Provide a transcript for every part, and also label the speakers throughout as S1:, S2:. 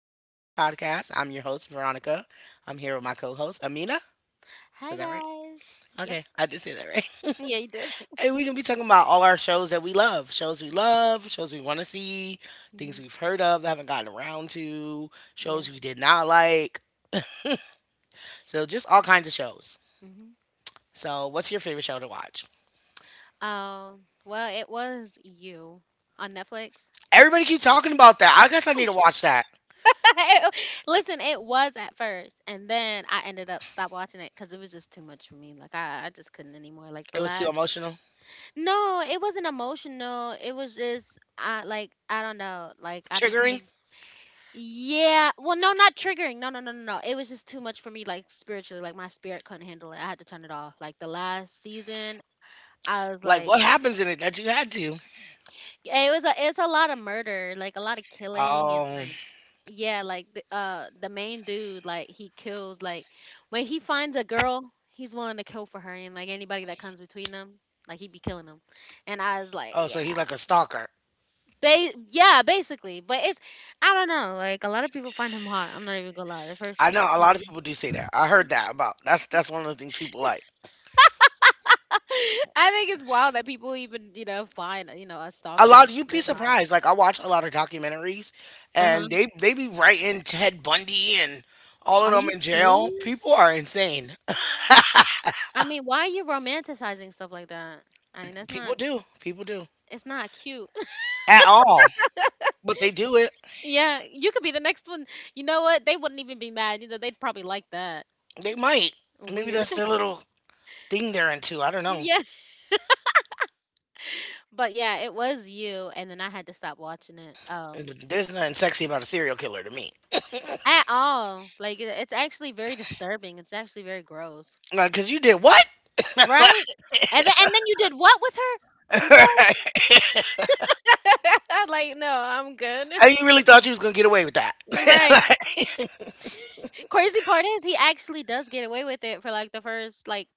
S1: to my podcast. I'm your host, Veronica. I'm here with my co host, Amina. I
S2: Hi
S1: said that right?
S2: guys. Yep.
S1: Okay, I did say that right.
S2: Yeah, you did.
S1: And we're going to be talking about all our shows that we love, shows we
S2: Yep.
S1: love, shows we want to see, things
S2: Hmm.
S1: we've heard of that haven't gotten around to,
S2: Yeah.
S1: shows we did not like. So, just all kinds of shows.
S2: Hmm.
S1: So, what's your favorite show to watch?
S2: Oh, well, it was you on Netflix.
S1: Everybody keeps talking about that. I guess I need to watch that.
S2: It- Listen, it was at first, and then I ended up stop watching it because it was just too much for me. Like I just couldn't anymore. Like the
S1: It was too
S2: last,
S1: emotional,
S2: no, it wasn't emotional. It was just, I like, I don't know. Like I
S1: triggering.
S2: became, yeah. Well, no, not triggering. No, no, no, no, no. It was just too much for me. Like spiritually, like my spirit couldn't handle it. I had to turn it off. Like the last season, I was
S1: Like,
S2: like,
S1: what happens in it that you had to?
S2: it's a lot of murder, like a lot of killing and
S1: Oh,
S2: like yeah, like the main dude, like he kills like when he finds a girl, he's willing to kill for her and like anybody that comes between them, like he'd be killing them. And I was like,
S1: oh,
S2: yeah,
S1: so he's like a stalker.
S2: yeah, basically. But it's I don't know, like a lot of people find him hot. I'm not even gonna lie, the first
S1: I know
S2: couple
S1: a lot of
S2: seasons.
S1: people do say that. I heard that about that's one of the things people like.
S2: I think it's wild that people even find a
S1: A
S2: stalker and
S1: lot, you'd be
S2: they're hot.
S1: surprised. Like, I watch a lot of documentaries
S2: Uh
S1: and
S2: huh.
S1: they be writing Ted Bundy and all of
S2: Are
S1: them
S2: you
S1: in jail.
S2: serious?
S1: People are insane.
S2: I mean, why are you romanticizing stuff like that? I mean, that's
S1: People
S2: not.
S1: do. People do.
S2: It's not cute.
S1: At all. But they do it.
S2: Yeah, you could be the next one. You know what? They wouldn't even be mad. You know, they'd probably like that.
S1: They might. Maybe
S2: Weird.
S1: that's their little thing they're into. I don't know.
S2: Yeah. But yeah, it was you, and then I had to stop watching it.
S1: There's nothing sexy about a serial killer to me.
S2: At all. Like, it's actually very disturbing. It's actually very gross.
S1: Like, cause you did what?
S2: Right? And then you did what with her? I'm sorry. Like, no, I'm good.
S1: And you really thought you was gonna get away with that.
S2: Right. Crazy part is he actually does get away with it for like the first like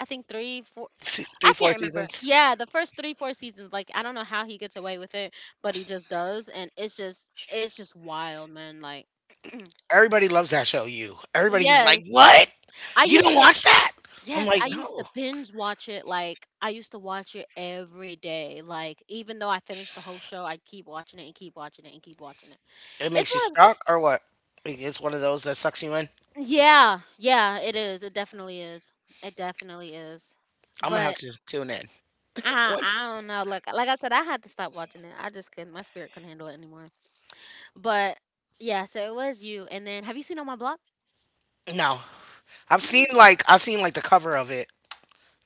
S2: I think three, four,
S1: Three,
S2: I
S1: four
S2: can't remember.
S1: seasons.
S2: Yeah, the first three, four seasons. Like I don't know how he gets away with it, but he just does, and it's just wild, man. Like.
S1: Everybody loves that show. You. Everybody's
S2: Yes.
S1: like, what?
S2: I
S1: You
S2: used
S1: don't
S2: to
S1: watch that? I'm
S2: Yes,
S1: like,
S2: I used to
S1: no.
S2: binge watch it, like I used to watch it every day. Like even though I finished the whole show, I'd keep watching it, and keep watching it, and keep watching it.
S1: It
S2: It's
S1: makes you
S2: one of,
S1: stuck or what? Like, it's one of those that sucks you in.
S2: yeah, yeah, it is. It definitely is. It definitely is.
S1: I'm gonna have
S2: But
S1: to tune in.
S2: I
S1: What's
S2: don't know. Like I said, I had to stop watching it. I just couldn't. My spirit couldn't handle it anymore. But yeah, so it was you. And then have you seen On My Block?
S1: no? I've
S2: You
S1: seen
S2: know-
S1: like, I've seen like the cover of it.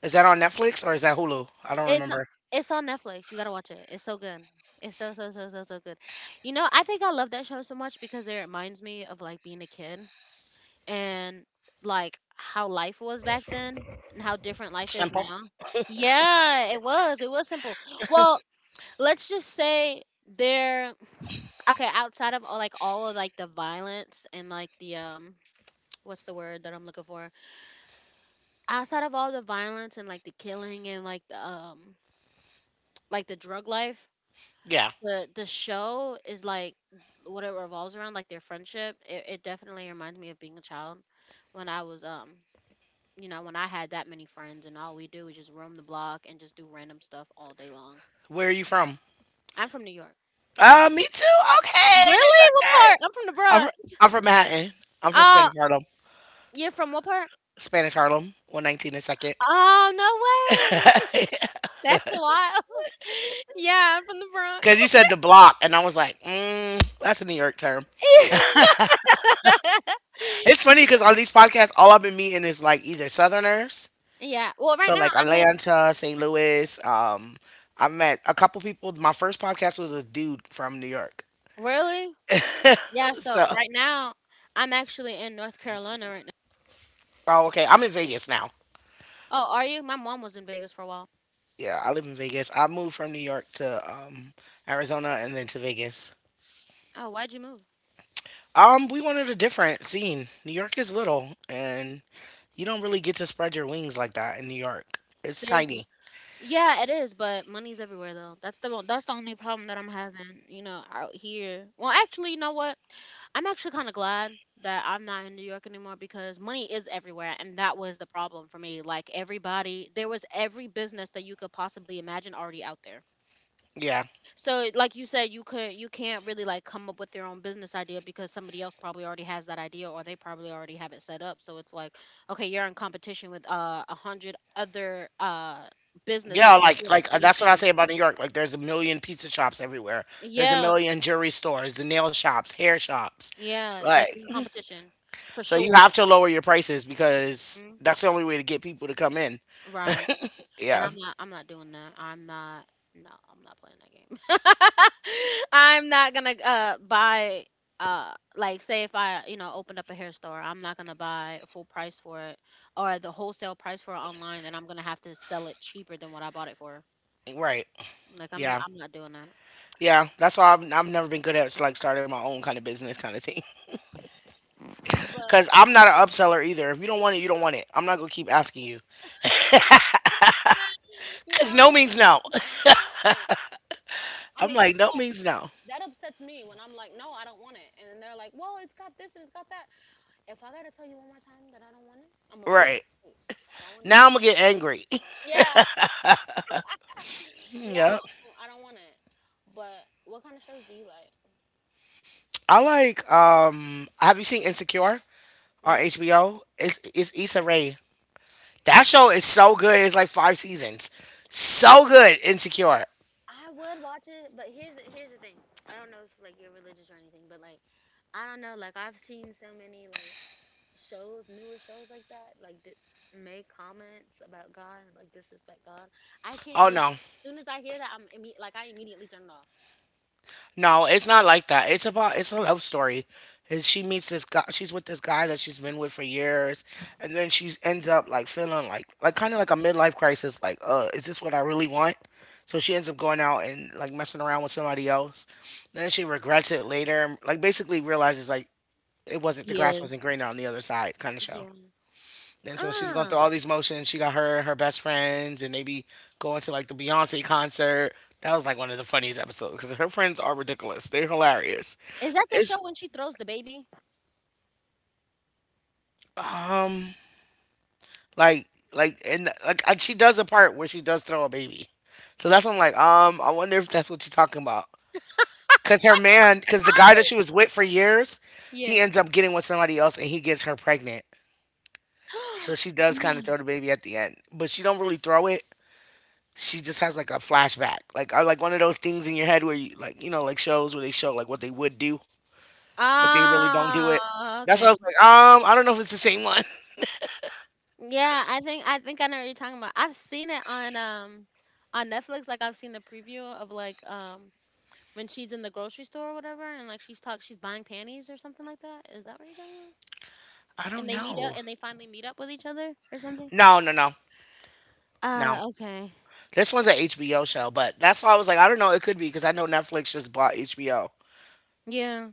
S1: Is that on Netflix or is that Hulu? I don't
S2: It's
S1: remember.
S2: it's on Netflix. You gotta watch it. It's so good. It's so so so so so good. You know, I think I love that show so much because it reminds me of like being a kid, and like how life was back then, and how different life is
S1: Simple.
S2: now. Yeah, it was. It was simple. Well, let's just say there. Okay, outside of all like all of like the violence, and like the what's the word that I'm looking for? Outside of all the violence, and like the killing, and like the drug life,
S1: Yeah.
S2: the show is like what it revolves around, like their friendship. It definitely reminds me of being a child when I was when I had that many friends, and all we do is just roam the block and just do random stuff all day long.
S1: Where are you from?
S2: I'm from New York.
S1: Me too. Okay, New
S2: Really? What
S1: Yorker.
S2: part? I'm from the
S1: I'm from,
S2: Bronx.
S1: I'm from Manhattan. I'm from
S2: Uh,
S1: Spanish Harlem.
S2: you're from what part?
S1: Spanish Harlem, 119 and second.
S2: Oh, no way. That's wild. Yeah, I'm from the Bronx.
S1: Because you said the block, and I was like, mm, that's a New York term. It's funny because
S2: Yeah.
S1: on these podcasts, all I've been meeting is like either Southerners,
S2: Yeah. Well, right
S1: so
S2: now
S1: like
S2: I'm in,
S1: Atlanta, St. Louis. I met a couple people. My first podcast was a dude from New York.
S2: really? Yeah, so
S1: So,
S2: right now I'm actually in North Carolina right now.
S1: oh, okay. I'm in Vegas now.
S2: Oh, are you? My mom was in Vegas for a while.
S1: Yeah, I live in Vegas. I moved from New York to Arizona and then to Vegas.
S2: Oh, why'd you move?
S1: We wanted a different scene. New York is little, and you don't really get to spread your wings like that in New York. It's
S2: Seriously.
S1: tiny.
S2: Yeah, it is, but money's everywhere though. That's the only problem that I'm having, out here. Well, actually, you know what? I'm actually kind of glad that I'm not in New York anymore because money is everywhere, and that was the problem for me. Like everybody, there was every business that you could possibly imagine already out there.
S1: Yeah.
S2: So, like you said, you can't really like come up with your own business idea because somebody else probably already has that idea, or they probably already have it set up. So it's like, okay, you're in competition with 100 other businesses
S1: Yeah,
S2: that are doing the
S1: like
S2: same
S1: that's what I
S2: thing.
S1: say about New York. Like, there's a million pizza shops everywhere. There's a
S2: Yeah,
S1: million jewelry stores, the nail shops, hair shops.
S2: yeah, like
S1: Like,
S2: you're in competition for
S1: so you
S2: sure.
S1: have to lower your prices because
S2: Mhm.
S1: that's the only way to get people to come in.
S2: Right. And
S1: Yeah.
S2: I'm not I'm not doing that. I'm not No, I'm not playing that game. I'm not gonna buy like say if I, opened up a hair store, I'm not gonna buy full price for it, or the wholesale price for it online, then I'm gonna have to sell it cheaper than what I bought it for.
S1: Right.
S2: Like I'm
S1: Yeah.
S2: I'm not doing that.
S1: Yeah, that's why I've never been good at like starting my own kind of business kind of thing.
S2: But
S1: Cause I'm not an upseller either. If you don't want it, you don't want it. I'm not gonna keep asking you.
S2: yeah,
S1: Cause
S2: I'm
S1: no
S2: not
S1: means no.
S2: talking about. Right. I
S1: I'm
S2: mean, 'cause
S1: like, no means no.
S2: that upsets me when I'm like, no, I don't want it, and they're like, well, it's got this, and it's got that. If I gotta tell you one more time that I don't want it, I'm gonna break
S1: Right.
S2: your face. I don't want it.
S1: Now I'm gonna get angry.
S2: Yeah, yeah,
S1: Yep.
S2: I don't want it. But what kind of shows do you like?
S1: I like, um, have you seen Insecure on
S2: No.
S1: HBO? It's Issa Rae. That show is so good. It's like five seasons. So good,
S2: So
S1: Insecure.
S2: I would watch it, but here's the thing. I don't know if like you're religious or anything, but like I don't know. Like I've seen so many like shows, newer shows like that, like make comments about God, and like disrespect God. I can't
S1: Oh
S2: do that.
S1: no.
S2: As soon as I hear that, like I immediately turn it off.
S1: No, it's not like that. It's about it's a love story. Is, she meets this guy that she's been with for years, and then she ends up like feeling like kind of like a midlife crisis, like, uh, is this what I really want? So she ends up going out and like messing around with somebody else. Then she regrets it later. Like, basically realizes like it wasn't the grass
S2: Yes.
S1: wasn't greener on the other side kind of show.
S2: Yeah.
S1: And so she's going
S2: Uh
S1: through all these motions. She got her and her best friends, and they be going to like the Beyonce concert. That was like one of the funniest episodes because her friends are ridiculous. They're hilarious.
S2: Is that the
S1: It's,
S2: show when she throws the baby?
S1: um, like, like and she does a part where she does throw a baby. So that's when I'm like, um, I wonder if that's what you're talking about. Cause her man, cause the guy that she was with for years,
S2: Yeah.
S1: he ends up getting with somebody else and he gets her pregnant. So she does kind of
S2: Mm.
S1: throw the baby at the end, but she don't really throw it. She just has like a flashback, like, or like one of those things in your head where you like, you know, like shows where they show like what they would do, but they really don't do it.
S2: Ah,
S1: That's why I
S2: okay.
S1: was like, I don't know if it's the same one.
S2: Yeah, I think I know what you're talking about. I've seen it on on Netflix. Like I've seen the preview of like when she's in the grocery store or whatever, and like she's buying panties or something like that. Is that what you're talking about?
S1: I
S2: And
S1: don't
S2: they meet up,
S1: know.
S2: and they finally meet up with each other or something.
S1: No, no, no, no.
S2: Ah, okay.
S1: This one's a HBO show, but that's why I was like, I don't know. It could be because I know Netflix just bought HBO,
S2: Yeah.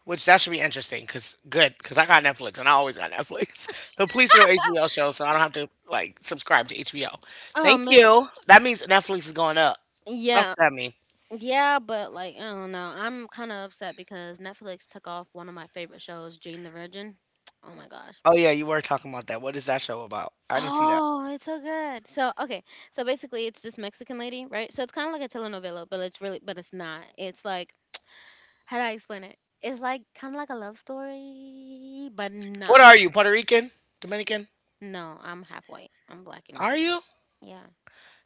S1: which that should be interesting. Cause good, cause I got Netflix and I always got Netflix. So please throw HBO shows so I don't have to like subscribe to HBO.
S2: Oh
S1: Thank
S2: man.
S1: you. That means Netflix is going up.
S2: Yeah.
S1: That's what that mean.
S2: Yeah, but like I don't know. I'm kind of upset because Netflix took off one of my favorite shows, Jane the Virgin. Oh my gosh.
S1: Oh yeah, you were talking about that. What is that show about? I didn't see that.
S2: Oh, it's so good. So okay, so basically it's this Mexican lady, right? So it's kind of like a telenovela, but it's really, but it's not. It's like how do I explain it? It's like kind of like a love story, but
S1: What
S2: not.
S1: are you? Puerto Rican? Dominican?
S2: No, I'm half white. I'm black and
S1: Are
S2: white.
S1: you?
S2: Yeah.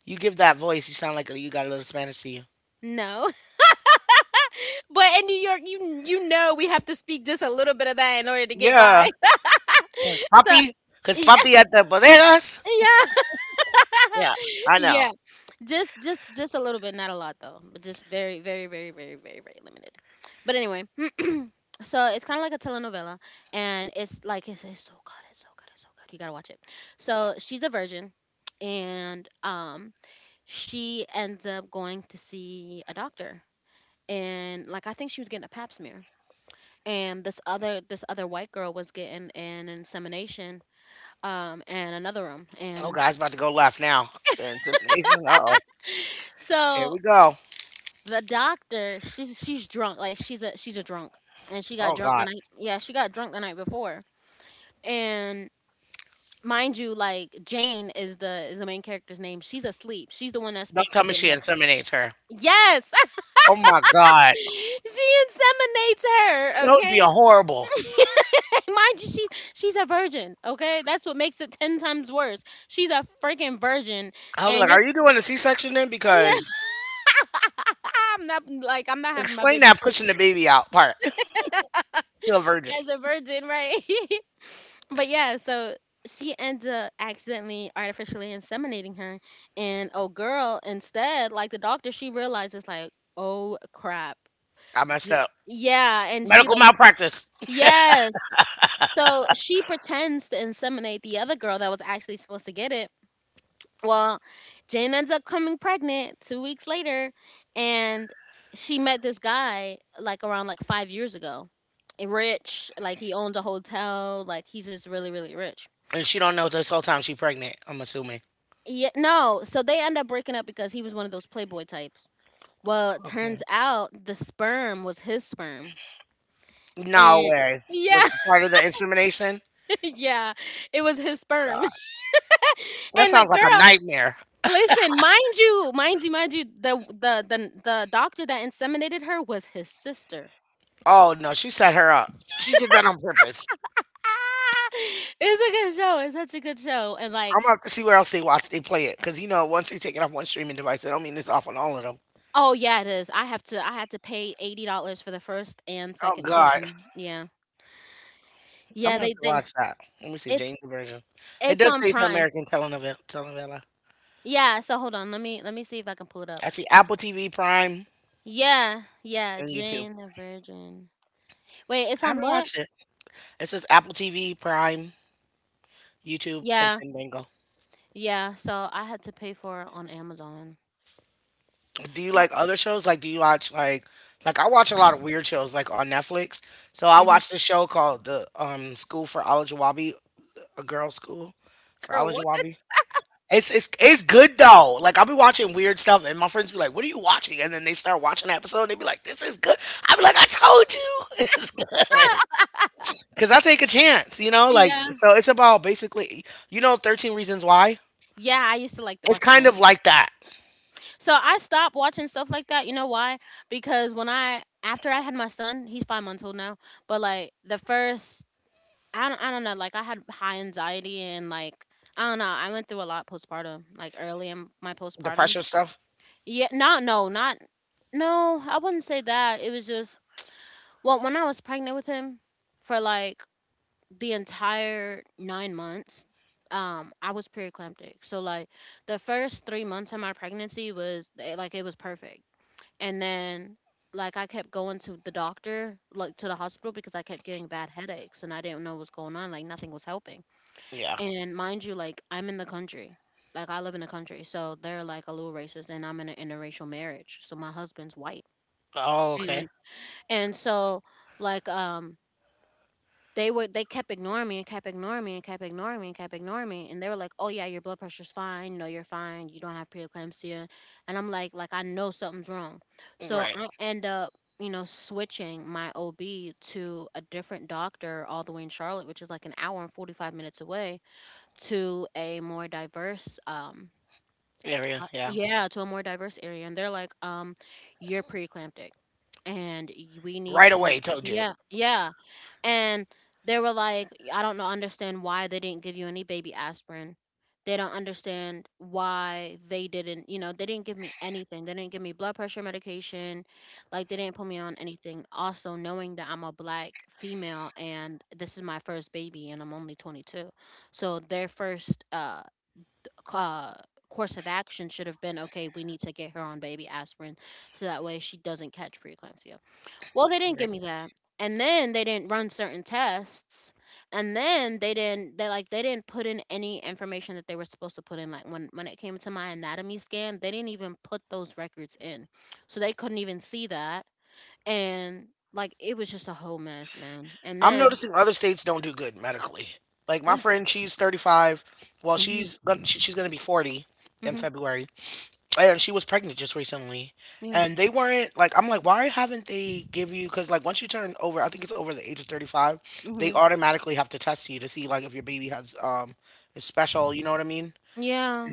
S1: You give that voice. You sound like you got a little Spanish to you.
S2: No, but in New York, you know we have to speak just a little bit of that in order to get
S1: Yeah,
S2: by.
S1: cause
S2: So,
S1: papi, cause
S2: yeah,
S1: papi at the bodegas.
S2: yeah.
S1: Yeah, I know.
S2: Yeah, just a little bit, not a lot though, but just very very very very very very limited. But anyway, so it's kind of like a telenovela, and it's so good, it's so good, it's so good, you gotta watch it. So she's a virgin, and she ends up going to see a doctor, and like I think she was getting a pap smear, and this other white girl was getting an insemination in another room.
S1: Oh
S2: And
S1: God, it's about to go left now. The insemination. Uh oh. Here
S2: so
S1: we go.
S2: the doctor, she's drunk, like she's a drunk, and she got
S1: Oh
S2: drunk the
S1: God.
S2: night, yeah, she got drunk the night before. And mind you, like Jane is the main character's name. She's asleep, she's the one that's
S1: Don't
S2: supposed to be
S1: tell me
S2: getting
S1: she
S2: up.
S1: inseminates her.
S2: Yes.
S1: Oh my God.
S2: She inseminates her,
S1: That would be a
S2: okay.
S1: horrible.
S2: Mind you, she's a virgin, okay, that's what makes it 10 times worse. She's a freaking virgin,
S1: I would be
S2: and
S1: like,
S2: you're
S1: are you doing a C-section then? Because
S2: I'm not like I'm not having my
S1: explain
S2: baby
S1: that
S2: pregnant.
S1: pushing the baby out part to a virgin.
S2: As a virgin, right? But yeah, so she ends up accidentally artificially inseminating her, and oh girl, instead, like the doctor, she realizes like, oh crap,
S1: I messed
S2: th-
S1: up.
S2: yeah, and she
S1: Medical
S2: like,
S1: malpractice.
S2: yes, so she pretends to inseminate the other girl that was actually supposed to get it. Well, Jane ends up coming pregnant 2 weeks later, and she met this guy like around like 5 years ago, rich, like he owns a hotel, like he's just really really rich.
S1: And she don't know this whole time she pregnant, I'm assuming.
S2: Yeah, no. So they end up breaking up because he was one of those playboy types. Well, it turns
S1: Okay.
S2: out the sperm was his sperm.
S1: No
S2: And
S1: way.
S2: yeah,
S1: Was part of the insemination?
S2: yeah, it was his sperm.
S1: God. That
S2: And the
S1: sounds like a
S2: girl,
S1: nightmare.
S2: listen, mind you, mind you, mind you, the doctor that inseminated her was his sister.
S1: Oh no, she set her up. She did that on purpose.
S2: Ah, it's a good show. It's such a good show.
S1: I'm gonna have to see where else they watch they play it. Cause you know, once they take it off one streaming device, I don't mean it's off on all of them.
S2: Oh yeah, it is. I had to pay $80 for the first and
S1: Oh
S2: second
S1: God.
S2: season. Yeah.
S1: I'm
S2: Yeah,
S1: gonna have to
S2: they
S1: watch that. Let me see,
S2: it's
S1: Jane's version. It
S2: it's
S1: does
S2: on
S1: say it's an
S2: Prime.
S1: American telenovela.
S2: Yeah, so hold on. Let me see if I can pull it up.
S1: I see Apple TV Prime
S2: Yeah, yeah,
S1: and YouTube.
S2: Jane the Virgin. Wait, it's
S1: I
S2: on
S1: haven't
S2: what?
S1: watched it. It says Apple TV Prime, YouTube, and
S2: Yeah,
S1: Fandango.
S2: yeah. So I had to pay for it on Amazon.
S1: Do you
S2: Well,
S1: like other shows? Like, do you watch like I watch a lot of weird shows like on Netflix. So I watched a show called the, um, School for Olajuwabi, a girl school for
S2: Girl, what the
S1: Olajuwabi. It's good though. Like, I'll be watching weird stuff, and my friends be like, "What are you watching?" And then they start watching the episode, and they be like, "This is good." I be like, "I told you, it's good." Cause I take a chance, you know. Like
S2: Yeah.
S1: so, it's about basically, you know, 13 Reasons Why.
S2: Yeah, I used to like to
S1: It's
S2: watch
S1: kind
S2: that.
S1: of like that,
S2: So I stopped watching stuff like that. You know why? Because when I after I had my son, he's 5 months old now, but like the first I don't know, like I had high anxiety and like I don't know, I went through a lot postpartum, like early in my
S1: the
S2: postpartum.
S1: pressure stuff.
S2: Yeah, not no, not no, I wouldn't say that. It was just Well, when I was pregnant with him for like the entire 9 months, I was preeclamptic. So like the first 3 months of my pregnancy was like it was perfect, and then like I kept going to the doctor, like to the hospital because I kept getting bad headaches and I didn't know what was going on. Like nothing was helping.
S1: Yeah.
S2: And mind you, like I'm in the country. Like I live in the country. So they're like a little racist and I'm in an interracial marriage. So my husband's white.
S1: Oh, okay.
S2: And and so like um they kept ignoring me and kept ignoring me and kept ignoring me and kept ignoring me. And they were like, "Oh yeah, your blood pressure's fine, you know, you're fine, you don't have preeclampsia." And I'm like I know something's wrong. So
S1: Right.
S2: I end up you know, switching my OB to a different doctor all the way in Charlotte, which is like an hour and 45 minutes away to a more diverse
S1: Area, yeah.
S2: yeah, to a more diverse area and they're like you're preeclamptic and we need
S1: Right
S2: to
S1: away, told you.
S2: yeah, yeah, and they were like I don't know understand why they didn't give you any baby aspirin. They don't understand why they didn't, you know, they didn't give me anything, they didn't give me blood pressure medication, like they didn't put me on anything, also knowing that I'm a black female and this is my first baby and I'm only 22. So their first uh, course of action should have been, okay, we need to get her on baby aspirin so that way she doesn't catch preeclampsia. Well, they didn't give
S1: Right.
S2: me that. And then they didn't run certain tests. And then they didn't put in any information that they were supposed to put in, like when it came to my anatomy scan, they didn't even put those records in. So they couldn't even see that and like it was just a whole mess, man. And
S1: I'm
S2: then
S1: noticing other states don't do good medically. Like my
S2: they
S1: friend, she's 35. Well,
S2: Mhm.
S1: she's gonna be 40 in
S2: Mhm.
S1: February, and she was pregnant just recently.
S2: Yeah.
S1: And they weren't, like, I'm like, why haven't they give you? Because like, once you turn over, I think it's over the age of 35, they
S2: Mhm.
S1: automatically have to test you to see like if your baby has, um, is special. You know what I mean?
S2: Yeah.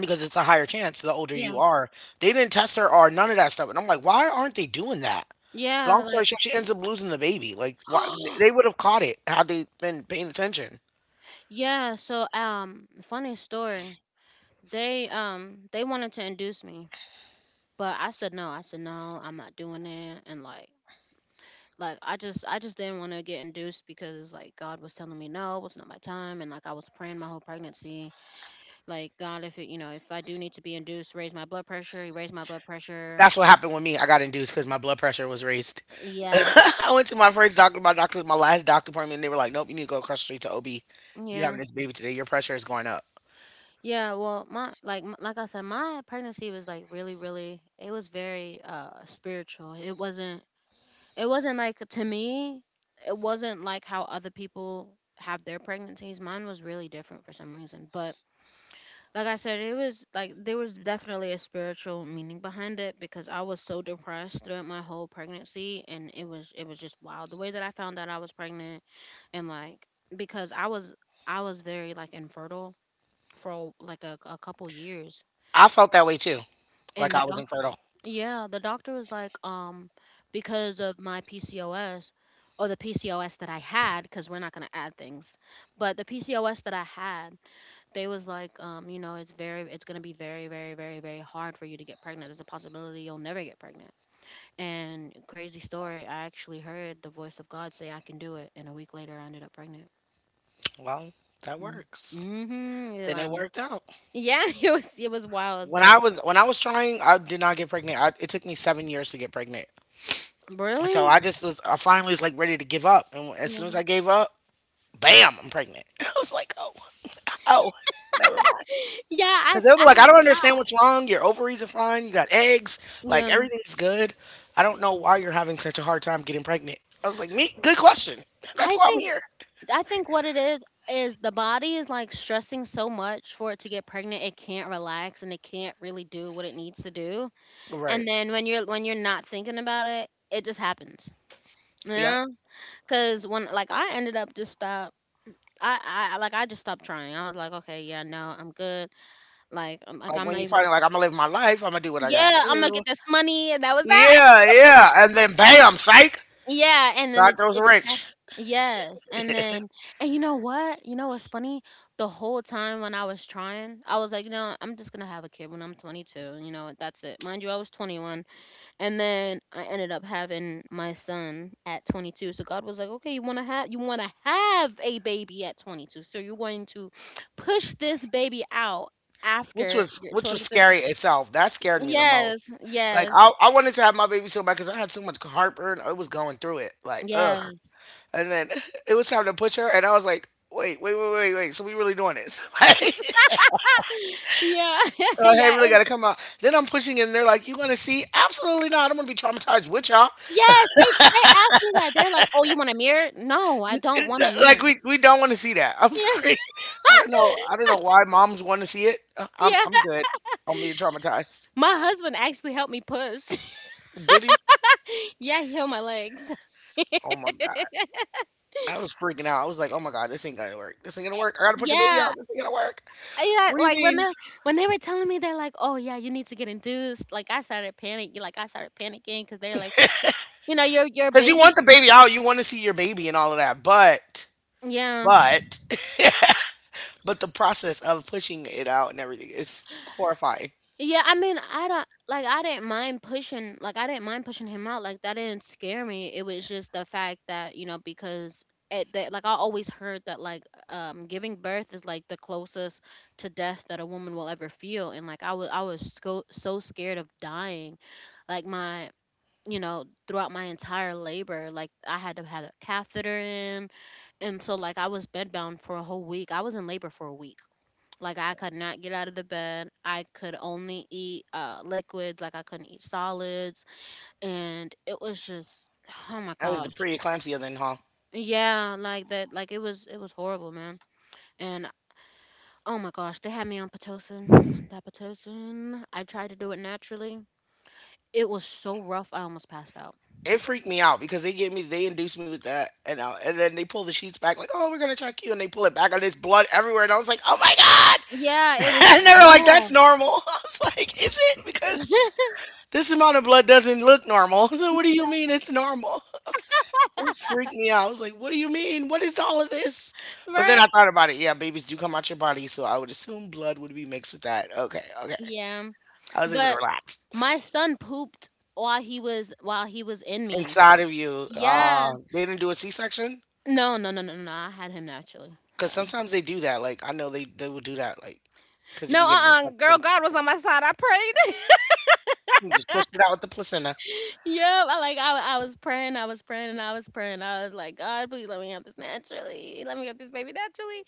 S1: Because it's a higher chance the older
S2: Yeah.
S1: you are. They didn't test her or none of that stuff, and I'm like, why aren't they doing that?
S2: Yeah.
S1: Long story
S2: Like
S1: short, she ends up losing the baby. Like, why, they would have caught it had they been paying attention.
S2: yeah, so funny story. They wanted to induce me, but I said no. I said no, I'm not doing it and like I just didn't want to get induced because like God was telling me no, it's not my time and like I was praying my whole pregnancy. Like, God, if it you know, if I do need to be induced, raise my blood pressure, you raise my blood pressure.
S1: That's what happened with me. I got induced because my blood pressure was raised.
S2: Yeah.
S1: I went to my first doctor, my last doctor appointment, and they were like, "Nope, you need to go across the street to OB. You
S2: Yeah.
S1: having this baby today? Your pressure is going up."
S2: Yeah, well, my like I said, my pregnancy was like really, really. It was very spiritual. It wasn't. It wasn't like, to me it wasn't like how other people have their pregnancies. Mine was really different for some reason, but like I said, it was like there was definitely a spiritual meaning behind it because I was so depressed throughout my whole pregnancy and it was just wild the way that I found out I was pregnant. And like because I was very like infertile for like a couple years
S1: I felt that way too,
S2: and
S1: like
S2: the
S1: I was
S2: doc
S1: infertile.
S2: Yeah, the doctor was like, because of my PCOS or the PCOS that I had, because we're not gonna add things, but the PCOS that I had, they was like, you know, it's gonna be very, very, very, very hard for you to get pregnant. There's a possibility you'll never get pregnant. And crazy story, I actually heard the voice of God say, "I can do it," and a week later, I ended up pregnant.
S1: Well, that
S2: Mm.
S1: works.
S2: Mhm. Yeah,
S1: Then
S2: I
S1: it
S2: mean,
S1: worked out.
S2: yeah, it was wild, but
S1: When I was trying, I did not get pregnant. It took me 7 years to get pregnant. So
S2: really,
S1: I finally was like ready to give up, and as
S2: yeah,
S1: soon as I gave up, bam, I'm pregnant. I was like, oh, oh, never mind.
S2: yeah,
S1: Because they'll be
S2: I
S1: like, I
S2: had
S1: don't understand
S2: stopped.
S1: what's wrong. Your ovaries are fine. You got eggs. Like,
S2: Yeah.
S1: everything's good. I don't know why you're having such a hard time getting pregnant. I was like, me? Good question. That's
S2: I
S1: why I'm
S2: think
S1: here.
S2: I think what it is the body is like stressing so much for it to get pregnant it can't relax and it can't really do what it needs to do.
S1: Right.
S2: And then when you're not thinking about it, it just happens.
S1: Yeah.
S2: Yeah. Cuz when like I ended up just stop I just stopped trying. I was like, okay, yeah, no, I'm good.
S1: Like,
S2: I'm
S1: when
S2: not
S1: you
S2: even
S1: find
S2: going.
S1: out, like, I'm going to live my life, I'm going to do what I got to
S2: Yeah, I'm gonna
S1: do.
S2: get this money, and that was that.
S1: Yeah, yeah. And then bam, psych.
S2: Yeah, and then
S1: God throws a
S2: it just happened.
S1: wrench.
S2: Yes, and then and you know what? You know what's funny? The whole time when I was trying, I was like, you know, I'm just gonna have a kid when I'm 22. You know what? That's it. Mind you, I was 21, and then I ended up having my son at 22. So God was like, "Okay, you wanna have a baby at 22, so you're going to push this baby out
S1: Which
S2: after
S1: was
S2: you're
S1: which was
S2: 22."
S1: scary itself. That scared me the most.
S2: Yes,
S1: Like
S2: yes,
S1: I wanted to have my baby so bad because I had so much heartburn. I was going through it. Like, ugh.
S2: yes.
S1: And then it was time to push her, and I was like, wait, wait, wait, wait, wait. So we really doing this? Like,
S2: Yeah,
S1: so I had
S2: yeah. It
S1: really got
S2: was
S1: to come out. Then I'm pushing, and they're like, you want to see? Absolutely not. I don't want to be traumatized with y'all.
S2: Yes, they asked me that. They're like, "Oh, you want a mirror?" "No, I don't want a
S1: Like,
S2: mirror."
S1: we don't want to see that. I'm
S2: Yeah.
S1: sorry. I don't know. I don't know why moms want to see it. I'm
S2: Yeah.
S1: I'm good. I'm being traumatized.
S2: My husband actually helped me push.
S1: Did he?
S2: Yeah, he held my legs.
S1: Oh my god. I was freaking out. I was like, oh my god, this ain't gonna work. This ain't gonna work. I gotta put your baby
S2: Yeah.
S1: out. This ain't gonna work.
S2: I
S1: What
S2: got
S1: do you
S2: like,
S1: mean?
S2: when they were telling me, they're like, "Oh, yeah, you need to get induced." Like, I started panicking. Like, I started panicking because 'cause they're like, your
S1: Because you
S2: baby
S1: want the baby out, you want to see your baby and all of that, but
S2: Yeah.
S1: but But the process of pushing it out and everything is horrifying.
S2: Yeah, I mean, I don't like I didn't mind pushing, like I didn't mind pushing him out. Like that didn't scare me. It was just the fact that, you know, because it that like I always heard that like giving birth is like the closest to death that a woman will ever feel and like I was so, so scared of dying. Like my you know throughout my entire labor like I had to have a catheter in and so like I was bedbound for a whole week. I was in labor for a week. Like I could not get out of the bed. I could only eat liquids, like I couldn't eat solids and it was just oh my
S1: That was the
S2: gosh.
S1: preeclampsia then, huh?
S2: Yeah, like that, like it was horrible, man. And oh my gosh, they had me on Pitocin. That Pitocin. I tried to do it naturally. It was so rough I almost passed out.
S1: It freaked me out because they gave me, they induced me with that, and then they pull the sheets back like, oh, we're gonna check you, and they pull it back, and there's blood everywhere, and I was like, oh my god,
S2: Yeah, it was
S1: and they were like,
S2: raw.
S1: that's normal. I was like, is it? Because this amount of blood doesn't look normal. So what do you mean it's normal? It freaked me out. I was like, what do you mean? What is all of this? But then
S2: Right?
S1: I thought about it. Yeah, babies do come out your body, so I would assume blood would be mixed with that. Okay, okay.
S2: Yeah.
S1: I was able to
S2: But
S1: relax
S2: my son pooped while he was in me.
S1: inside of you.
S2: Yeah.
S1: They didn't do a C section
S2: No, no, no, no, no. I had him naturally.
S1: because
S2: Uh-uh.
S1: sometimes they do that. Like I know they will do that. Like because you
S2: No,
S1: can get an
S2: uh-uh. Girl,
S1: infection,
S2: God was on my side. I prayed.
S1: you just push it out with the placenta.
S2: Yeah, I was praying, and I was praying. I was like, God, please let me have this naturally. Let me have this baby naturally.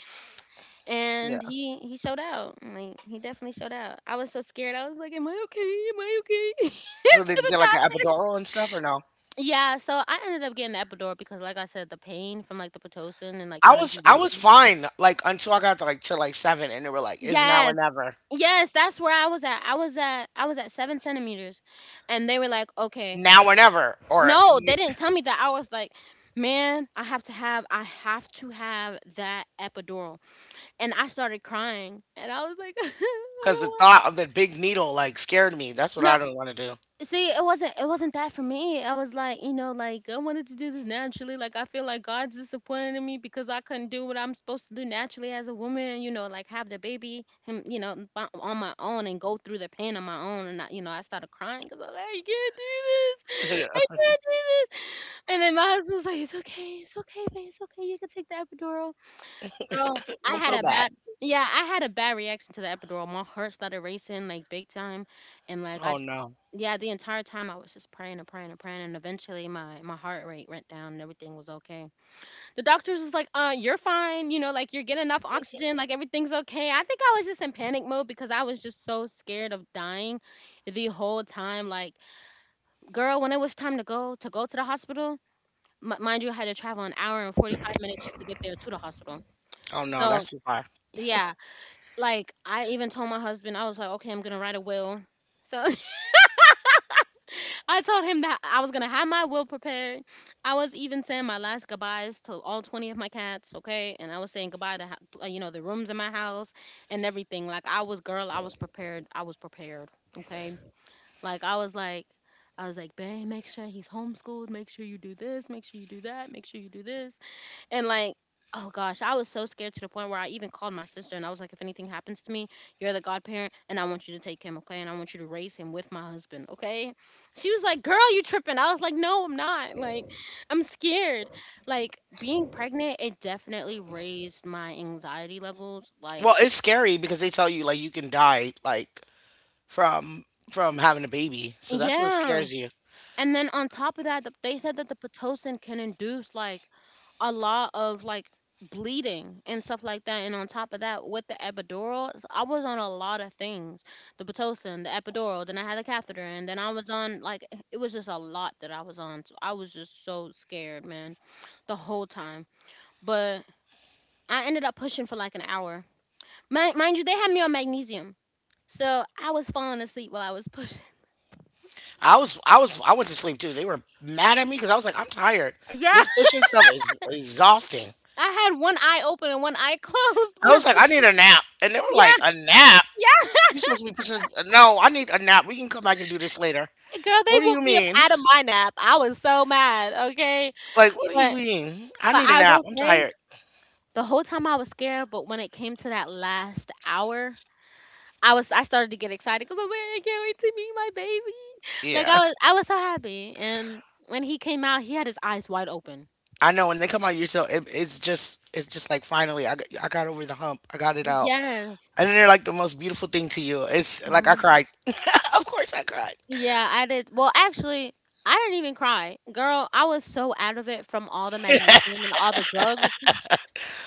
S1: Yeah.
S2: And he showed out. Like he definitely showed out. I was so scared. I was like, am I okay? Am I okay?
S1: So
S2: to
S1: they
S2: the
S1: get like an
S2: doctor.
S1: epidural and stuff or no?
S2: Yeah, so I ended up getting the epidural because, like I said, the pain from like the Pitocin and like
S1: I
S2: trying to do
S1: was
S2: it
S1: I was
S2: naturally.
S1: fine like until I got to like seven and they were like it's
S2: Yes. Yes, that's where I was at. I was at seven centimeters. And they were like, okay.
S1: now or never or
S2: No, they didn't tell me that. I was like, man, I have to have that epidural. And I started crying. And I was like, I
S1: because
S2: don't
S1: the
S2: want
S1: thought of the big needle like scared me. That's what
S2: No,
S1: I don't want to do.
S2: see, it wasn't that for me. I was like, you know, like I wanted to do this naturally. Like I feel like God's disappointed in me because I couldn't do what I'm supposed to do naturally as a woman, you know, like have the baby him, you know, on my own and go through the pain on my own and I, you know, I started crying cuz I was like, I can't do this. I can't do this. And then my husband was like, "It's okay. It's okay, babe. It's okay. You can take the epidural." Girl,
S1: Yeah.
S2: I
S1: Don't
S2: had
S1: feel
S2: a
S1: bad.
S2: bad yeah, I had a bad reaction to the epidural. My heart started racing, like, big time. And like I
S1: Oh
S2: just
S1: no.
S2: yeah, the entire time I was just praying and praying and praying, and eventually my heart rate went down and everything was okay. The doctors was like, "You're fine. You know, like, you're getting enough oxygen. Like, everything's okay." I think I was just in panic mode because I was just so scared of dying the whole time. Like, girl, when it was time to go to the hospital. Mind you, I had to travel an hour and 45 minutes just to get there to the hospital.
S1: Oh no,
S2: So,
S1: that's too far.
S2: yeah, like, I even told my husband, I was like, okay, I'm gonna write a will. So I told him that I was gonna have my will prepared. I was even saying my last goodbyes to all 20 of my cats, okay? And I was saying goodbye to, you know, the rooms in my house and everything. Like, I was, girl, I was prepared. I was prepared, okay? Like I was like, I was like, babe, make sure he's homeschooled. Make sure you do this. Make sure you do that. Make sure you do this. And, like, oh gosh, I was so scared to the point where I even called my sister and I was like, if anything happens to me, you're the godparent and I want you to take him, okay? And I want you to raise him with my husband, okay? She was like, girl, you tripping. I was like, no, I'm not. Like, I'm scared. Like, being pregnant, it definitely raised my anxiety levels.
S1: Well,
S2: Like,
S1: it's scary because they tell you like you can die like from from having a baby. So that's what
S2: yeah.
S1: scares you.
S2: And then on top of that, they said that the Pitocin can induce like a lot of like bleeding and stuff like that. And on top of that, with the epidural, I was on a lot of things, the Pitocin, the epidural, then I had the catheter, and then I was on like it was just a lot that I was on. So I was just so scared, man, the whole time. But I ended up pushing for like an hour. Mind you, they had me on magnesium. So I was falling asleep while I was pushing.
S1: I went to sleep too. They were mad at me because I was like, I'm tired.
S2: Yeah.
S1: This pushing stuff is exhausting.
S2: I had one eye open and one eye closed when
S1: I
S2: I
S1: was like,
S2: was
S1: I need a
S2: pushing.
S1: nap, and they were
S2: Yeah,
S1: like, a nap.
S2: yeah.
S1: You supposed to be pushing? This? No, I need a nap. We can come back and do this later.
S2: Girl, they
S1: What do you
S2: woke me up
S1: mean?
S2: out of my nap. I was so mad, okay?
S1: Like, what do you
S2: But
S1: mean? I
S2: but
S1: need a
S2: I
S1: nap.
S2: will
S1: I'm
S2: say,
S1: tired.
S2: the whole time I was scared, but when it came to that last hour, I started to get excited because I was like, I can't wait to meet my baby. Like,
S1: Yeah,
S2: I was so happy. And when he came out, he had his eyes wide open.
S1: I know. When they come out, you're so it's just it's just like finally I got over the hump. I got it out,
S2: Yes.
S1: and then they're like the most beautiful thing to you. It's like I
S2: Mhm.
S1: cried. Of course, I cried.
S2: Yeah, I did. Well, actually, I didn't even cry. Girl, I was so out of it from all the magnesium and all the drugs.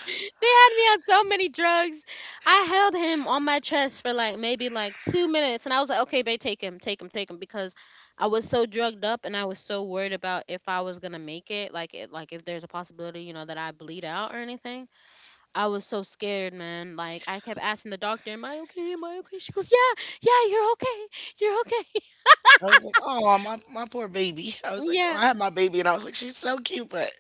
S2: They had me on so many drugs. I held him on my chest for like maybe like 2 minutes, and I was like, "Okay, babe, take him, take him, take him," because I was so drugged up, and I was so worried about if I was gonna make it, like like, if there's a possibility, you know, that I bleed out or anything. I was so scared, man. Like, I kept asking the doctor, "Am I okay? Am I okay?" She goes, "Yeah, yeah, you're okay, you're okay."
S1: I was like, oh, my poor baby. I was like, oh,
S2: Yeah.
S1: I had my baby, and I was like, she's so cute, but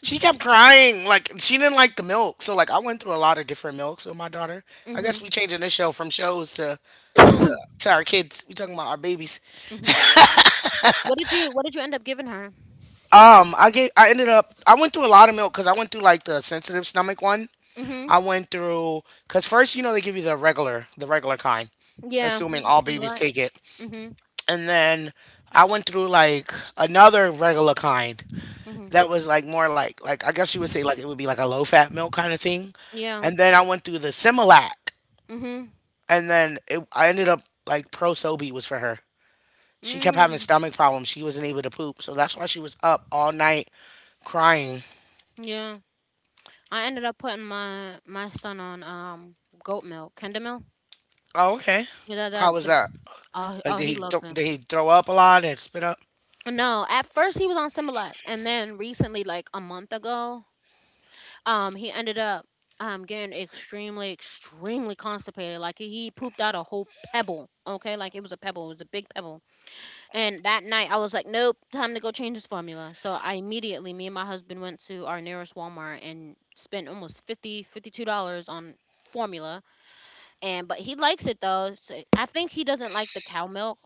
S1: she kept crying. Like, she didn't like the milk. So, like, I went through a lot of different milks with my daughter. I guess
S2: Mhm.
S1: we changing this show from shows to to our kids. We talking about our babies.
S2: Mhm. What did you end up giving her?
S1: I ended up, I went through a lot of milk because I went through like the sensitive stomach one.
S2: Mhm.
S1: I went through because first, you know, they give you the regular kind,
S2: Yeah.
S1: assuming all babies
S2: Similar.
S1: take it,
S2: Mhm.
S1: and then I went through like another regular kind,
S2: Mhm.
S1: that was like more like I guess you would say like it would be like a low fat milk kind of thing.
S2: Yeah.
S1: And then I went through the Similac,
S2: Mhm.
S1: and then it, I ended up like Pro Sobe was for her. She kept having
S2: Mm.
S1: stomach problems. She wasn't able to poop, so that's why she was up all night crying.
S2: Yeah. I ended up putting my son on goat milk, Kinder milk.
S1: Oh, okay.
S2: Yeah, that that
S1: How was
S2: the,
S1: that?
S2: oh,
S1: Like
S2: oh,
S1: did
S2: he
S1: he
S2: loves it.
S1: did he throw up a lot and spit up?
S2: No, at first he was on Similac, and then recently, like a month ago, he ended up getting extremely extremely constipated. Like, he pooped out a whole pebble. Okay, like, it was a pebble. It was a big pebble. And that night I was like, nope, time to go change this formula. So I immediately, me and my husband, went to our nearest Walmart and spent almost $52 on formula. And but he likes it though. So I think he doesn't like the cow milk.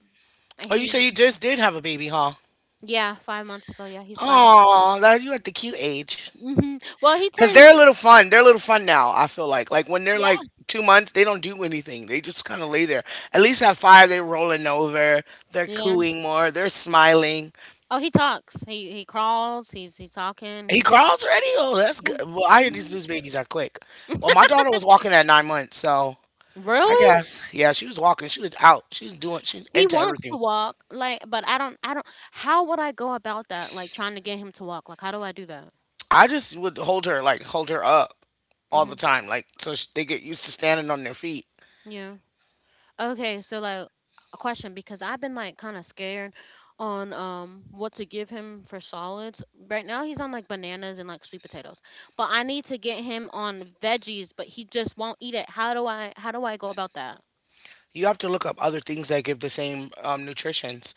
S1: Oh, you say
S2: He
S1: you just did have a baby, huh?
S2: yeah, 5 months ago. Yeah, he's 5 months.
S1: Oh, that you at the cute age.
S2: Mhm. Well, he
S1: Cause
S2: turns
S1: they're a little fun. They're a little fun now. I feel like when they're
S2: yeah.
S1: like 2 months, they don't do anything. They just kind of lay there. At least at five, they're rolling over. They're
S2: Yeah.
S1: cooing more. They're smiling.
S2: Oh, he talks. He crawls. He's talking.
S1: He
S2: He's
S1: crawls already. Oh, that's good. Well,
S2: yeah.
S1: I hear these
S2: Mhm.
S1: news babies are quick. Well, my daughter was walking at 9 months, so I
S2: Really?
S1: guess yeah, she was walking. She was out. She was doing. She was
S2: He
S1: into
S2: wants to
S1: everything.
S2: walk, like, but I don't how would I go about that? Like, trying to get him to walk. Like, how do I do that?
S1: I just would hold her like hold her up all the
S2: Mhm.
S1: time, like so they get used to standing on their feet.
S2: Yeah. Okay, so, like, a question, because I've been like kind of scared on what to give him for solids. Right now he's on like bananas and like sweet potatoes. But I need to get him on veggies, but he just won't eat it. How do I go about that?
S1: You have to look up other things that give the same nutritions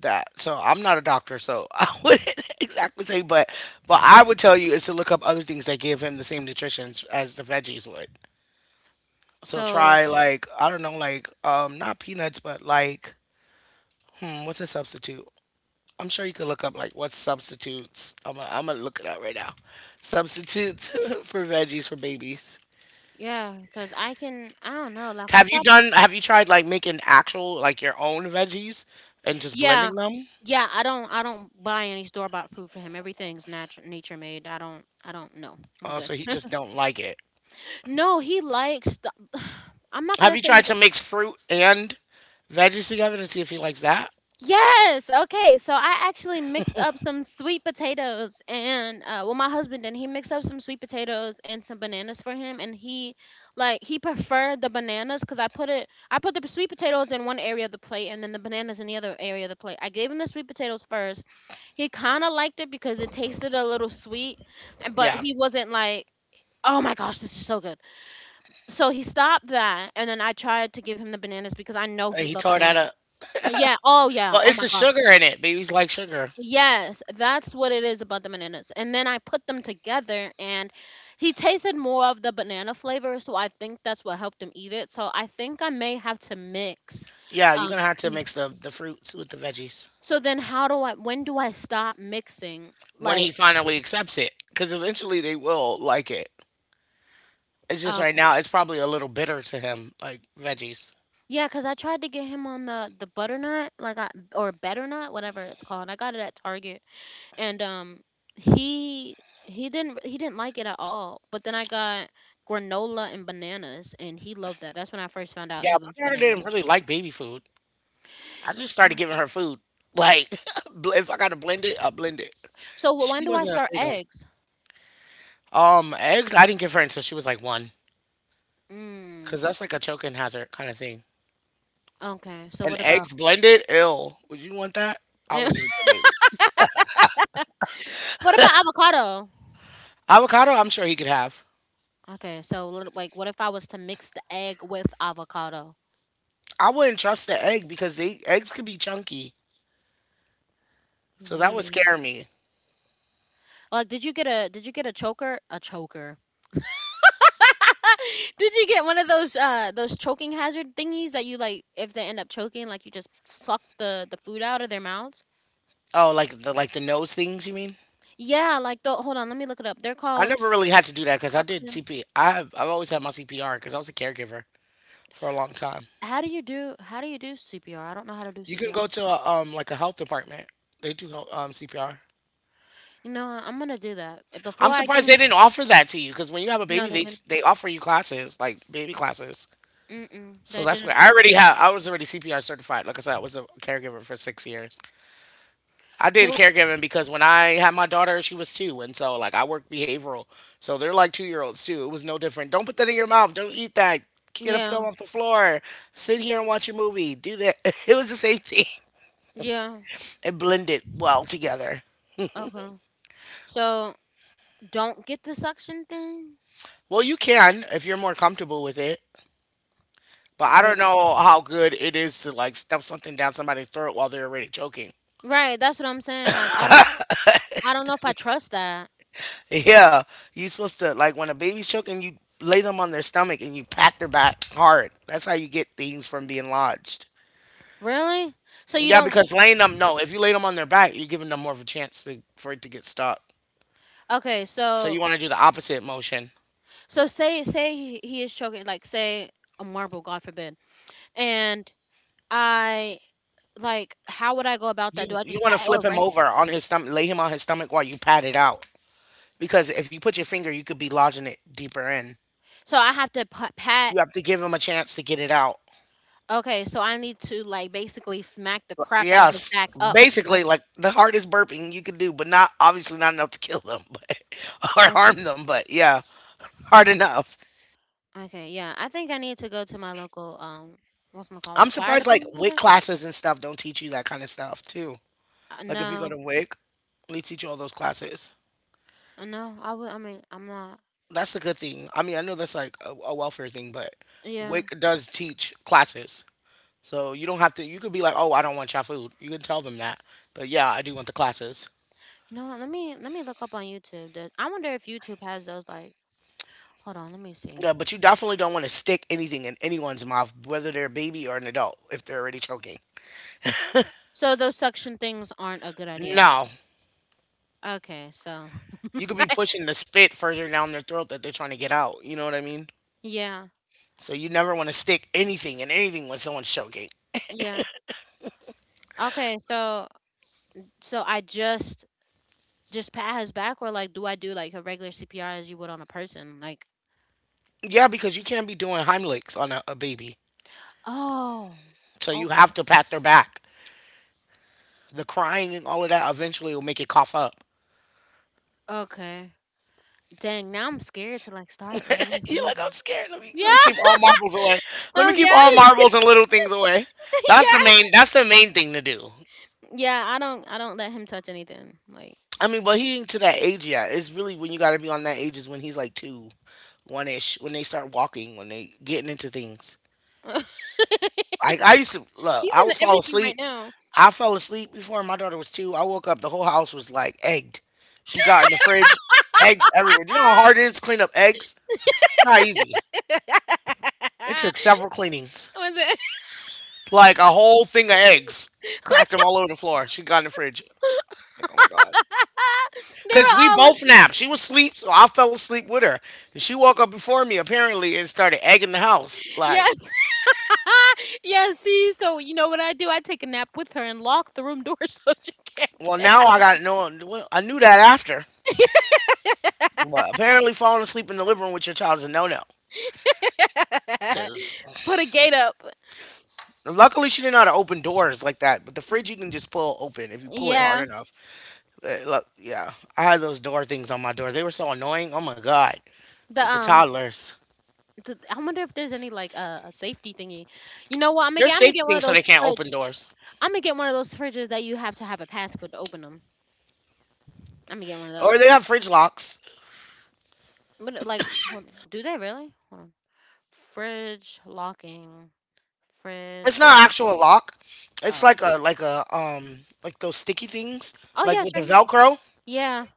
S1: that so I'm not a doctor so I wouldn't exactly say, but I would tell you is to look up other things that give him the same nutritions as the veggies would. So
S2: So,
S1: try like I don't know like not peanuts but like hmm, what's a substitute? I'm sure you could look up like what substitutes. I'm gonna look it up right now. Substitutes for veggies for babies.
S2: yeah, cuz I can I don't know, like, I
S1: have you
S2: try.
S1: done have you tried like making actual like your own veggies and just
S2: Yeah,
S1: blending them?
S2: yeah. I don't. I don't buy any store bought food for him. Everything's natural, nature made. I don't. I don't know. I'm
S1: Oh, so
S2: good.
S1: he just don't like it.
S2: No, he likes. The, I'm not
S1: Have
S2: gonna
S1: you
S2: say he
S1: tried to
S2: don't.
S1: mix fruit and veggies together to see if he likes that?
S2: Yes. Okay. So I actually mixed up some sweet potatoes and my husband and he mixed up some sweet potatoes and some bananas for him, and he like, he preferred the bananas because I put it. I put the sweet potatoes in one area of the plate and then the bananas in the other area of the plate. I gave him the sweet potatoes first. He kinda liked it because it tasted a little sweet, and but
S1: Yeah.
S2: he wasn't like, "Oh my gosh, this is so good." So he stopped that, and then I tried to give him the bananas because I know
S1: And
S2: he'd
S1: he
S2: love
S1: tore that
S2: bananas.
S1: up.
S2: Yeah, oh yeah,
S1: Well,
S2: oh
S1: it's
S2: my
S1: the
S2: gosh.
S1: sugar in it. Babies like sugar.
S2: Yes, that's what it is about the bananas. And then I put them together and he tasted more of the banana flavor, so I think that's what helped him eat it. So I think I may have to mix.
S1: Yeah, you're gonna
S2: Um,
S1: have to
S2: so
S1: mix the fruits with the veggies
S2: so then how do I when do I stop mixing?
S1: when he
S2: Like,
S1: finally accepts it, because eventually they will like it. It's just
S2: um,
S1: right now it's probably a little bitter to him, like veggies.
S2: yeah, cause I tried to get him on the butternut, like I or butternut, whatever it's called. I got it at Target, and he he didn't like it at all. But then I got granola and bananas, and he loved that. That's when I first found out
S1: Yeah,
S2: he loved
S1: my daughter didn't
S2: bananas.
S1: really like baby food. I just started
S2: Oh.
S1: giving her food. Like, if I gotta blend it, I'll blend it.
S2: So when
S1: She
S2: do I
S1: wasn't a
S2: start
S1: big on.
S2: eggs?
S1: Eggs. I didn't give her until she was like one, cause
S2: Mm,
S1: that's like a choking hazard kind of thing.
S2: okay. So
S1: And
S2: what about
S1: eggs blended, ill. Would you want that? I wouldn't give it to a baby.
S2: what about avocado?
S1: Avocado. I'm sure he could have.
S2: Okay, so like, what if I was to mix the egg with avocado?
S1: I wouldn't trust the egg because they eggs could be chunky, so that would
S2: Yeah.
S1: scare me.
S2: Like, did you get a choker? A choker. Did you get one of those choking hazard thingies that you like if they end up choking like you just suck the food out of their mouths?
S1: Oh, like the nose things, you mean?
S2: Yeah, like the hold on, let me look it up. They're
S1: I
S2: called
S1: never really had to do that because I did
S2: suction.
S1: CP. I've always had my CPR because I was a caregiver for a long time.
S2: How do you do CPR? I don't know how to do
S1: You can
S2: CPR.
S1: go to a, like a health department. They do help, CPR.
S2: You know what, I'm gonna do that.
S1: I'm
S2: Before I get
S1: surprised they didn't
S2: him.
S1: offer that to you because when you have a
S2: No,
S1: baby,
S2: they
S1: they
S2: didn't.
S1: they offer you classes like baby classes.
S2: Mm-mm,
S1: So
S2: they
S1: that's where
S2: didn't
S1: I
S2: offer
S1: already have. I was already CPR certified. Like I said, I was a caregiver for 6 years. I did
S2: choke.
S1: caregiving because when I had my daughter, she was two, and so like I worked behavioral. So they're like 2 year olds too. It was no different. Don't put that in your mouth. Don't eat that. Get up,
S2: Yeah,
S1: down off the floor. Sit here and watch a movie. Do that. It was the same thing.
S2: yeah.
S1: It blended well together.
S2: Okay. So don't get the suction thing.
S1: Well, you can if you're more comfortable with it. But I
S2: But
S1: don't know how good it is to like stuff something down somebody's throat while they're already choking.
S2: right, that's what I'm saying. Like, I don't know if I trust that.
S1: Yeah, you are supposed to like when a baby's choking, you lay them on their stomach and you pat their back hard. That's how you get things from being lodged.
S2: Really? So you
S1: Yeah,
S2: don't.
S1: because laying them no, if you lay them on their back, you're giving them more of a chance to, for it to get stuck.
S2: Okay,
S1: So you
S2: so
S1: want to do the opposite motion.
S2: so say say he is choking, like say a marble, God forbid, and I like how would I go about that? Do
S1: You
S2: I
S1: you
S2: just
S1: want
S2: pat
S1: to
S2: it or
S1: flip him
S2: rank?
S1: over on his stomach, lay him on his stomach while you pat it out. Because if you put your finger, you could be lodging it deeper in.
S2: So I have to pat.
S1: You have to give him a chance to get it out.
S2: Okay, so I need to like basically smack the crap out of his
S1: Yes,
S2: back up, right?
S1: basically, like the hardest burping you could do, but not obviously not enough to kill them, but or
S2: Okay.
S1: harm them. But yeah, hard enough.
S2: Okay, yeah, I think I need to go to my local what's my call
S1: I'm
S2: fire
S1: surprised like
S2: department? Is
S1: WIC
S2: it?
S1: classes and stuff don't teach you that kind of stuff too.
S2: Uh,
S1: Like if you go to
S2: no,
S1: WIC, they teach you all those classes.
S2: no, I would. I mean, I'm not.
S1: That's the good thing. I mean, I know that's like a welfare thing, but
S2: Yeah,
S1: WIC does teach classes, so you don't have to. You could be like, oh, I don't want your food. You can tell them that, but yeah, I do want the classes.
S2: you know what? Let me look up on YouTube. That I wonder if YouTube has those like. Hold on, let me see.
S1: Yeah, but you definitely don't want to stick anything in anyone's mouth, whether they're a baby or an adult, if they're already choking.
S2: So those suction things aren't a good idea.
S1: No.
S2: Okay, so
S1: You could be pushing the spit further down their throat that they're trying to get out. You know what I mean?
S2: yeah,
S1: So you never want to stick anything in anything when someone's choking.
S2: yeah. Okay, so so I just pat his back, or like, do I do like a regular CPR as you would on a person? Like,
S1: Yeah, because you can't be doing Heimlichs on a baby.
S2: oh,
S1: So you have
S2: okay,
S1: to pat their back. The crying and all of that eventually will make it cough up.
S2: okay. Dang, now I'm scared to like start regular
S1: You're like, I'm
S2: food.
S1: scared. Let me
S2: Yeah,
S1: let me keep all marbles away. Let me keep
S2: yeah,
S1: all marbles and little things away. That's the
S2: yeah,
S1: main that's the main thing to do.
S2: yeah. I don't let him touch anything. Like,
S1: I mean, but he ain't to that age yet. It's really when you got to be on that age is when he's like two, one ish, when they start walking, when they getting into things. I used to look.
S2: he's
S1: I would
S2: into
S1: fall
S2: everything right
S1: asleep.
S2: now.
S1: I fell asleep before my daughter was two. I woke up. The whole house was like egged. She got in the fridge, eggs everywhere. Do you know how hard it is to clean up eggs? It's not easy. It took several cleanings,
S2: Was it?
S1: like a whole thing of eggs. Cracked them all over the floor. She got in the fridge. Like, oh my god.
S2: They
S1: Cause
S2: were
S1: we
S2: all
S1: both
S2: looking.
S1: napped. She was asleep, so I fell asleep with her. And she woke up before me apparently and started egging the house. Like,
S2: Yes. Yeah, see, so you know what I do? I take a nap with her and lock the room door so she can't
S1: well,
S2: get
S1: now I got no. Well, I knew that after, but
S2: out.
S1: apparently falling asleep in the living room with your child is a no-no. Cause
S2: Put a gate up.
S1: luckily she didn't know how to open doors like that. But the fridge you can just pull open if you pull it hard
S2: Yeah.
S1: enough. Look, yeah, I had those door things on my door. They were so annoying. Oh my god,
S2: The
S1: with the
S2: um
S1: toddlers,
S2: I wonder if there's any like a safety thingy. You know what?
S1: they're
S2: I'm gonna
S1: safe
S2: get one of
S1: things so
S2: those
S1: they can't
S2: fridge.
S1: open doors,
S2: I'm gonna get one of those fridges that you have to have a passcode to open them. I'm gonna get one of
S1: or they
S2: those.
S1: have fridge locks.
S2: But like, hold on. Do they really? Hold on. Fridge locking.
S1: It's
S2: Fridge.
S1: not actual lock. It's
S2: Oh.
S1: like a like those sticky things
S2: Oh
S1: like
S2: yeah, it's
S1: with the
S2: right here.
S1: Velcro,
S2: Yeah.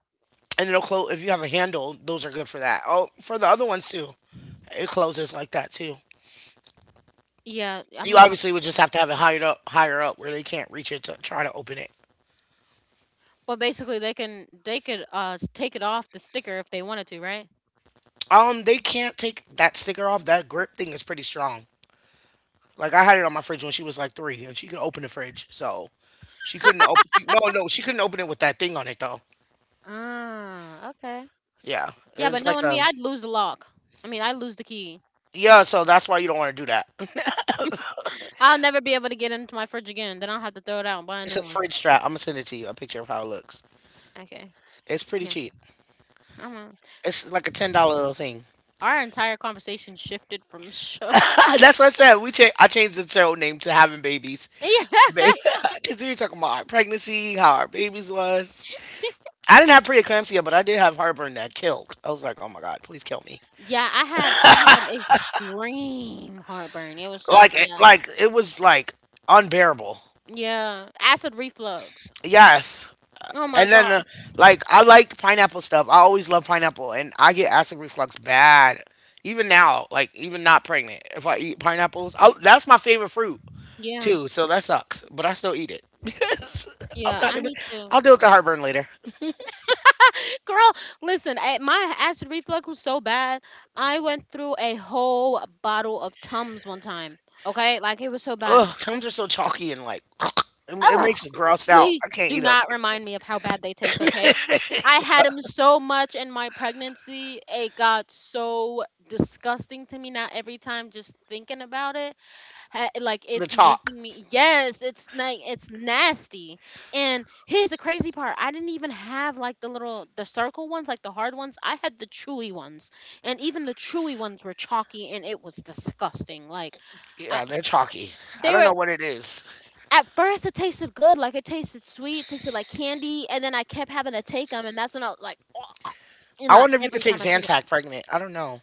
S1: and it'll close. If you have a handle, those are good for that. Oh, for the other ones too, it closes like that too.
S2: Yeah. I'm
S1: You
S2: gonna have
S1: obviously would
S2: to.
S1: just have to have it higher up where they can't reach it to try to open it.
S2: But basically, they can they could s- take it off the sticker if they wanted to, right?
S1: They can't take that sticker off. That grip thing is pretty strong. Like I had it on my fridge when she was like three, and she could open the fridge. So she couldn't open. She, no, she couldn't open it with that thing on it though.
S2: Ah. Okay.
S1: Yeah,
S2: Yeah, but
S1: it's like
S2: knowing
S1: a
S2: me, I'd lose the lock. I mean, I lose the key.
S1: yeah. So that's why you don't want to do that.
S2: I'll never be able to get into my fridge again. Then I'll have to throw it out and buy a
S1: It's a
S2: new one.
S1: fridge strap. I'm gonna send it to you. A picture of how it looks.
S2: Okay.
S1: It's pretty
S2: Yeah.
S1: cheap.
S2: I'm on.
S1: It's like a $10 little thing.
S2: Our entire conversation shifted from show.
S1: That's what I said. I changed the show name to having babies,
S2: Yeah.
S1: because we were talking about our pregnancy, how our babies was. I didn't have preeclampsia, but I did have heartburn that killed. I was like, oh my god, please kill me.
S2: Yeah. I had extreme heartburn. It was so
S1: Like, it,
S2: bad.
S1: like it was like unbearable.
S2: Yeah, acid reflux.
S1: Yes,
S2: Oh my
S1: and then,
S2: god.
S1: like, I like pineapple stuff. I always love pineapple, and I get acid reflux bad. Even now, like, even not pregnant, if I eat pineapples, I that's my favorite fruit
S2: Yeah,
S1: too. So that sucks, but I still eat it because I'm
S2: yeah,
S1: not
S2: I
S1: gonna.
S2: need to.
S1: I'll deal with the heartburn later.
S2: Girl, listen, my acid reflux was so bad. I went through a whole bottle of Tums one time. Okay, like it was so bad.
S1: Ugh, Tums are so chalky and like, it
S2: Ugh,
S1: makes me gross out.
S2: please
S1: I can't eat
S2: do
S1: eat 'em.
S2: not remind me of how bad they taste. Okay, I had them so much in my pregnancy. It got so disgusting to me now every time just thinking about it. Like
S1: The
S2: it's
S1: chalk.
S2: making me, yes, it's like it's nasty. And here's the crazy part, I didn't even have like the little, the circle ones, like the hard ones. I had the chewy ones, and even the chewy ones were chalky and it was disgusting. Like I,
S1: Yeah, they're chalky. I
S2: they
S1: don't
S2: were
S1: know what it is.
S2: At first it tasted good. Like it tasted sweet, it tasted like candy, and then I kept having to take them, and that's when I was like, you
S1: I
S2: know,
S1: wonder if you could
S2: every
S1: take
S2: time I took it.
S1: Zantac pregnant. I don't know.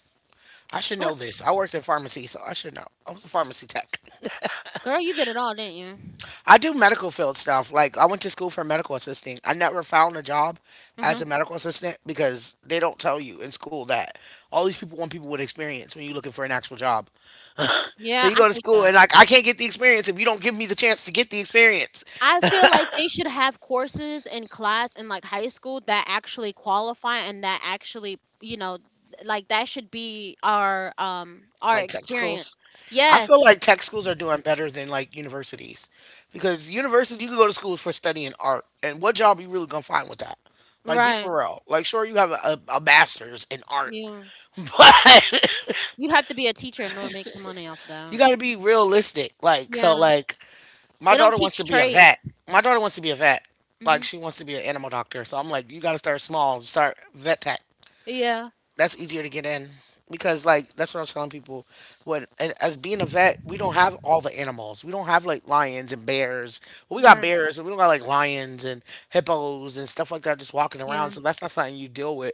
S1: I should
S2: Girl,
S1: know this. I worked in pharmacy, so I should know. I was a pharmacy tech.
S2: girl, you did it all, didn't you?
S1: I do medical field stuff. Like I went to school for medical assisting. I never found a job as
S2: Uh-huh.
S1: a medical assistant because they don't tell you in school that all these people want people with experience when you're looking for an actual job. So
S2: Yeah,
S1: you
S2: I
S1: go to
S2: hate
S1: school
S2: that.
S1: and like I can't get the experience if you don't give me the chance to get the experience.
S2: I feel like they should have courses in class in like high school that actually qualify and that actually, you know, like that should be our
S1: Like tech schools.
S2: experience.
S1: I
S2: Yes,
S1: feel like tech schools are doing better than like universities. Because university you can go to school for studying art and what job you really gonna find with that? Like be
S2: right.
S1: for real. Like sure you have a master's in art.
S2: Yeah.
S1: but.
S2: You have to be a teacher in order to make the money off
S1: You
S2: that.
S1: got to be realistic. Like so,
S2: Yeah.
S1: like my
S2: They don't
S1: daughter wants to
S2: teach
S1: be a
S2: trade.
S1: vet. My daughter wants to be a vet. Like
S2: Mhm.
S1: she wants to be an animal doctor. So I'm like, you got to start small. Start vet tech,
S2: Yeah.
S1: that's easier to get in, because like that's what I was telling people when and as being a vet, we don't have all the animals, we don't have like lions and bears. Well, we got
S2: Right.
S1: bears, but we don't got like lions and hippos and stuff like that just walking
S2: Yeah.
S1: around, so that's not something you deal with.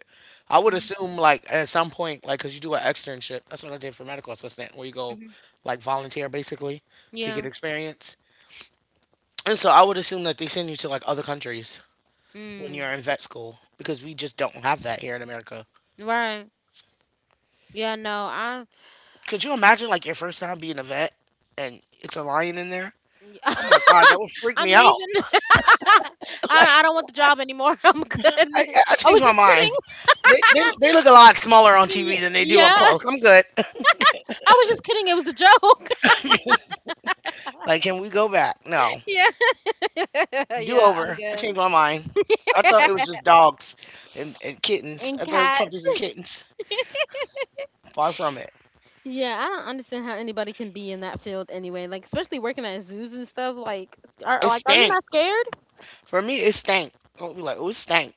S1: I would
S2: Mhm.
S1: assume like at some point, like because you do an externship, that's what I did for medical assistant, where you go
S2: Mhm.
S1: like volunteer basically to
S2: Yeah.
S1: get experience, and so I would assume that they send you to like other countries when you're
S2: Mm.
S1: in vet school because we just don't have that here in America.
S2: Right. Yeah, no. I
S1: Could you imagine like your first time being a vet and it's a lion in there?
S2: Yeah.
S1: Oh my God, that would freak
S2: I'm
S1: me out.
S2: leaving. I don't,
S1: Like
S2: I don't want the job anymore. I'm good.
S1: I, I
S2: I was
S1: changed my
S2: just kidding.
S1: mind. They look a lot smaller on TV than they do up
S2: Yeah.
S1: close. I'm good.
S2: I was just kidding. It was a joke.
S1: Like, can we go back? No,
S2: Yeah.
S1: do
S2: Yeah, I'm
S1: over. I
S2: good.
S1: changed my mind. I thought it was just dogs and kittens.
S2: And
S1: I thought it was
S2: cats.
S1: puppies and kittens. Far from it.
S2: Yeah, I don't understand how anybody can be in that field anyway. Like especially working at zoos and stuff. Like are
S1: It
S2: like are you
S1: stank.
S2: not scared?
S1: For me, it stank. I would be like, oh, it stank.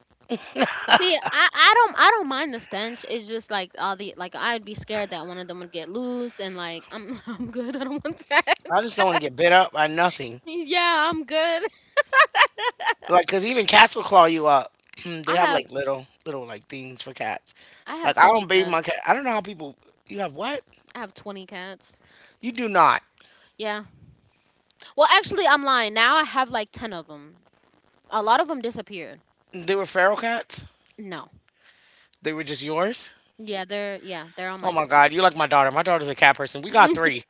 S2: See, I don't mind the stench. It's just like all the, like, I'd be scared that one of them would get loose, and like, I'm I'm good. I don't want that.
S1: I just don't want to get bit up by nothing.
S2: Yeah, I'm good.
S1: Like, cause even cats will claw you up. They
S2: I
S1: have
S2: have
S1: like little like things for cats.
S2: I have
S1: Like I
S2: 20
S1: don't bathe my
S2: cats.
S1: cat. I don't know how people. You have what?
S2: I have 20 cats.
S1: You do not.
S2: Yeah. Well, actually, I'm lying. Now I have like 10 of them. A lot of them disappeared.
S1: They were feral cats.
S2: No.
S1: They were just yours.
S2: Yeah, they're all
S1: Oh
S2: mine.
S1: my god, you're like my daughter. My daughter's a cat person. We got three.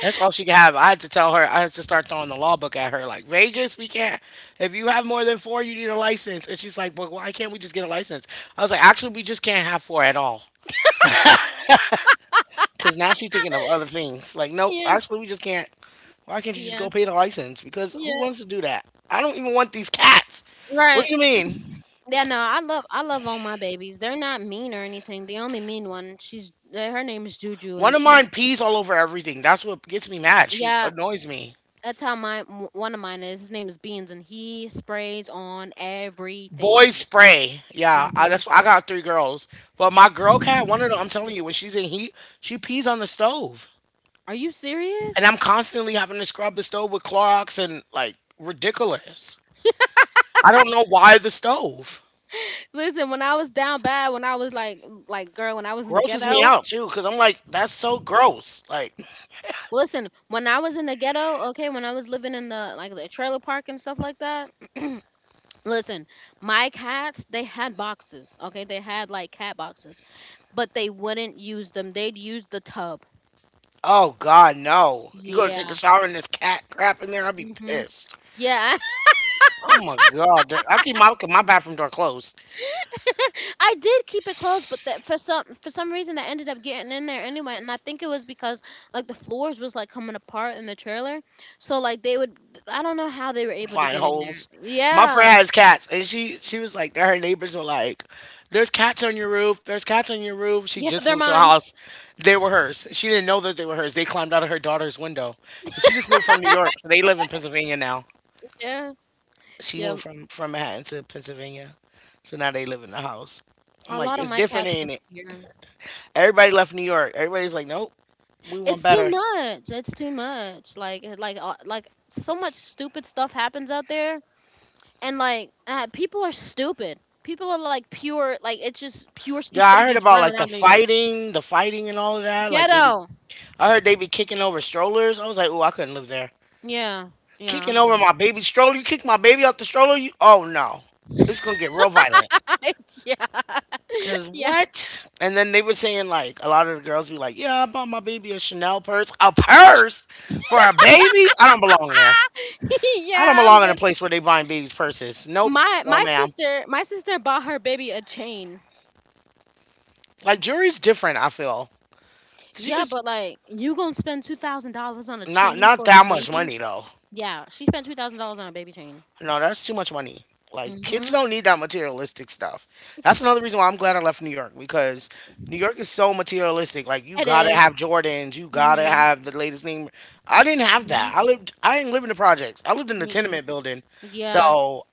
S1: That's all she can have. I had to tell her. I had to start throwing the law book at her. Like Vegas, we can't. If you have more than four, you need a license. And she's like, "But why can't we just get a license?" I was like, "Actually, we just can't have four at all. Because now she's thinking of other things. Like, no,
S2: yeah.
S1: actually, we just can't. Why can't you just
S2: Yeah.
S1: go pay the license? Because who
S2: Yeah.
S1: wants to do that? I don't even want these cats. What
S2: Right.
S1: do you mean?
S2: Yeah, no. I love all my babies. They're not mean or anything. The only mean one, she's her name is Juju,
S1: One
S2: and
S1: of
S2: she,
S1: mine pees all over everything. That's what gets me mad. She
S2: yeah,
S1: annoys me.
S2: that's how one of mine is. His name is Beans, and he sprays on
S1: Boys
S2: everything.
S1: spray. Yeah, I,
S2: Hmm.
S1: that's why I got three girls. But my girl cat, one of them, I'm telling you, when she's in heat, she pees on the stove.
S2: Are you serious?
S1: And I'm constantly having to scrub the stove with Clorox and like ridiculous. I don't know why the stove
S2: Listen, when I was down bad, when I was like girl, when I was in the
S1: grosses me
S2: ghetto.
S1: out too because I'm like, that's so gross. Like,
S2: Listen, when I was in the ghetto, okay, when I was living in the trailer park and stuff like that. Listen, my cats, they had boxes, okay, they had like cat boxes, but they wouldn't use them. They'd use the tub.
S1: oh God, no. You going to take a
S2: Yeah.
S1: shower and there's cat crap in there, I'd be
S2: Hmm.
S1: pissed.
S2: Yeah, I
S1: Oh my God. I keep my bathroom door closed.
S2: I did keep it closed, but that for some reason that ended up getting in there anyway, and I think it was because like the floors was like coming apart in the trailer, so like they would, I don't know how they were able to
S1: Find
S2: get in there.
S1: holes. My friend
S2: Yeah,
S1: has cats and she was like, that her neighbors were like, there's cats on your roof. There's cats on your roof. She
S2: yeah,
S1: just
S2: they're
S1: moved to a
S2: mine.
S1: house. They were hers. She didn't know that they were hers. They climbed out of her daughter's window. 'Cause she just moved from New York. So they live in Pennsylvania now.
S2: Yeah,
S1: She
S2: yeah.
S1: moved from Manhattan to Pennsylvania, so now they live in the house. I'm
S2: A
S1: like,
S2: lot of
S1: it's
S2: my
S1: different,
S2: cats
S1: ain't it?
S2: disappear.
S1: Everybody left New York. Everybody's like, nope, we want
S2: It's too
S1: better.
S2: much. It's too much. Like so much stupid stuff happens out there, and people are stupid. People are like pure, like it's just pure
S1: Yeah, I heard
S2: stupidity
S1: about
S2: running
S1: like the
S2: around New York.
S1: fighting, the fighting and all of that. Like they be,
S2: Ghetto.
S1: I heard they be kicking over strollers. I was like, oh, I couldn't live there.
S2: Yeah. Yeah,
S1: Kicking
S2: I'm
S1: over
S2: good.
S1: my baby stroller. You kick my baby out the stroller. You, oh no, it's gonna get real violent.
S2: yeah.
S1: Cause
S2: Yeah.
S1: what? And then they were saying like a lot of the girls be like, yeah, I bought my baby a Chanel purse, a purse for a baby. I don't belong there. I don't
S2: yeah, I'm
S1: belong in a
S2: good.
S1: place where they buying babies' purses. Nope.
S2: My
S1: No,
S2: my
S1: ma'am.
S2: sister my sister bought her baby a chain.
S1: Like jewelry's different. I feel because you
S2: Yeah,
S1: just
S2: but like you gonna spend $2,000 on a
S1: not
S2: chain
S1: not
S2: for a
S1: that much
S2: baby?
S1: money though.
S2: Yeah, she spent $2,000 on a baby chain.
S1: No, that's too much money. Like kids
S2: Mm-hmm.
S1: don't need that materialistic stuff. That's another reason why I'm glad I left New York because New York is so materialistic. Like you
S2: It
S1: gotta
S2: is.
S1: have Jordans, you gotta
S2: Mm-hmm.
S1: have the latest name. I didn't have
S2: Mm-hmm.
S1: that. I lived. I didn't live in the projects. I lived in the
S2: Me either.
S1: tenement building.
S2: Yeah.
S1: So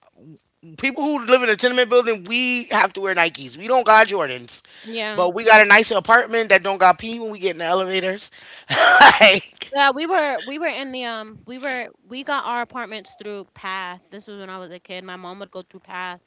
S1: people who live in a tenement building, we have to wear Nikes. We don't got Jordans,
S2: Yeah.
S1: but we got a nicer apartment that don't got pee when we get in the elevators. like
S2: Yeah, we were in the we were we got our apartments through Path. This was when I was a kid. My mom would go through Path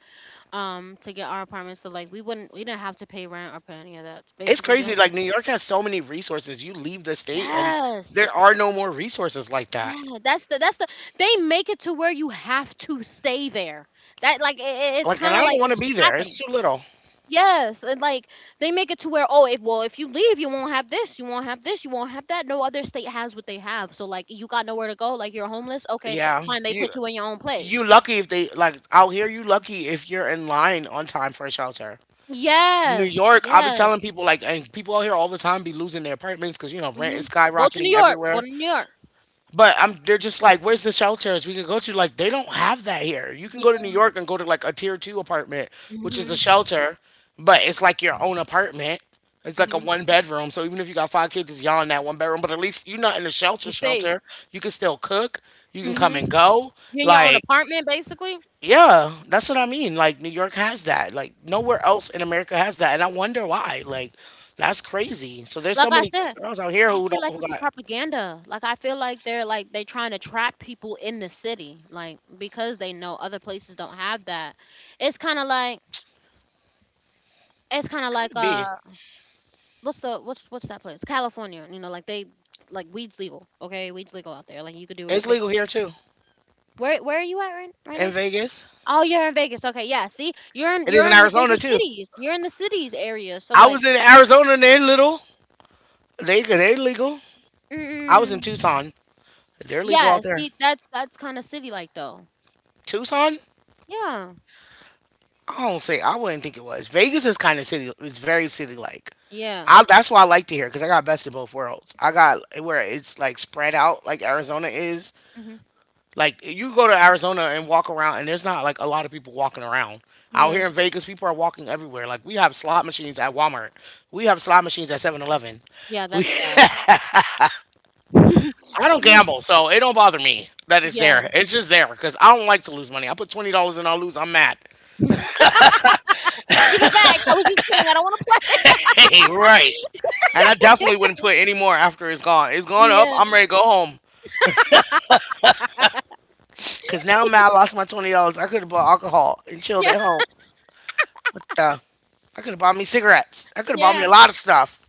S2: to get our apartment, so like we wouldn't, we didn't have to pay rent or pay any of that,
S1: it's
S2: basically the
S1: crazy.
S2: only
S1: Like
S2: thing-
S1: New York has so many resources. You leave the state and there
S2: yes,
S1: are no more resources like that.
S2: yeah, that's they make it to where you have to stay there, that, like it's
S1: Like, and
S2: kind of
S1: I
S2: like,
S1: don't want to
S2: it's
S1: be there.
S2: trapping.
S1: It's too little.
S2: Yes, and like they make it to where, oh, if, well, if you leave, you won't have this, you won't have this, you won't have that, no other state has what they have, so like you got nowhere to go, like you're homeless, okay,
S1: Yeah,
S2: fine, they
S1: you
S2: put you in your own place.
S1: you lucky if they like out here. You lucky if you're in line on time for a shelter. New
S2: Yes,
S1: York, I'll be
S2: yes.
S1: telling people like, and people out here all the time be losing their apartments because you know rent
S2: Hmm.
S1: is
S2: Go to New
S1: skyrocketing
S2: York, go
S1: everywhere.
S2: to New York.
S1: But I'm they're just like, where's the shelters we can go to? Like they don't have that here. You can go to New
S2: Yeah.
S1: York and go to like a tier two apartment, which is a shelter, but it's like your own apartment. It's like a
S2: Hmm.
S1: one bedroom. So even if you got five kids, it's y'all in that one bedroom. But at least you're not in a shelter
S2: You're safe.
S1: shelter. You can still cook. You can come and
S2: Mhm.
S1: go.
S2: You're in your own
S1: Like,
S2: apartment, basically.
S1: yeah, that's what I mean. Like New York has that. Like nowhere else in America has that. And I wonder why. Like, that's crazy. So there's
S2: Like
S1: so
S2: I
S1: many
S2: said,
S1: girls out here
S2: I
S1: who
S2: feel
S1: don't
S2: like
S1: who
S2: it's a
S1: got
S2: propaganda. Like I feel like they trying to trap people in the city, like because they know other places don't have that. It's kind of like it's kind of like
S1: could be.
S2: what's the, what's that place? California. You know, like they like weed's legal. Okay, weed's legal out there. Like you could do it at
S1: It's legal
S2: basically.
S1: here too.
S2: Where are you at right
S1: In
S2: now?
S1: Vegas.
S2: Oh, you're in Vegas. Okay, yeah. See, you're in
S1: It is
S2: you're
S1: in
S2: in the bigger
S1: Arizona too.
S2: cities. You're in the cities area. So
S1: I
S2: like,
S1: was in Arizona. And they're little. They they're legal. I was in
S2: mm,
S1: Tucson. They're legal
S2: yeah,
S1: out there.
S2: see, that's kind of city like though.
S1: Tucson?
S2: Yeah,
S1: I don't say. I wouldn't think it was. Vegas is kind of city. It's very city like.
S2: yeah,
S1: I, that's why I like to hear because I got best of both worlds. I got where it's like spread out like Arizona is.
S2: hmm,
S1: Like you go to Arizona and walk around, and there's not like a lot of people walking around. Out
S2: yeah,
S1: here in Vegas, people are walking everywhere. Like we have slot machines at Walmart. We have slot machines at 7-Eleven.
S2: yeah.
S1: We
S2: That's sad.
S1: I don't
S2: yeah,
S1: gamble, so it don't bother me that it's
S2: yeah.
S1: there. It's just there because I don't like to lose money. I put $20 and I lose, I'm mad.
S2: Give it back. I was just kidding. I don't want to play.
S1: Hey, right. And I definitely wouldn't put any more after it's gone. It's gone up.
S2: Yeah,
S1: I'm ready to go home. Cause now I'm mad. I lost my $20. I could have bought alcohol and chilled
S2: yeah,
S1: at home. What the? I could have bought me cigarettes. I could have bought
S2: yeah,
S1: me a lot of stuff.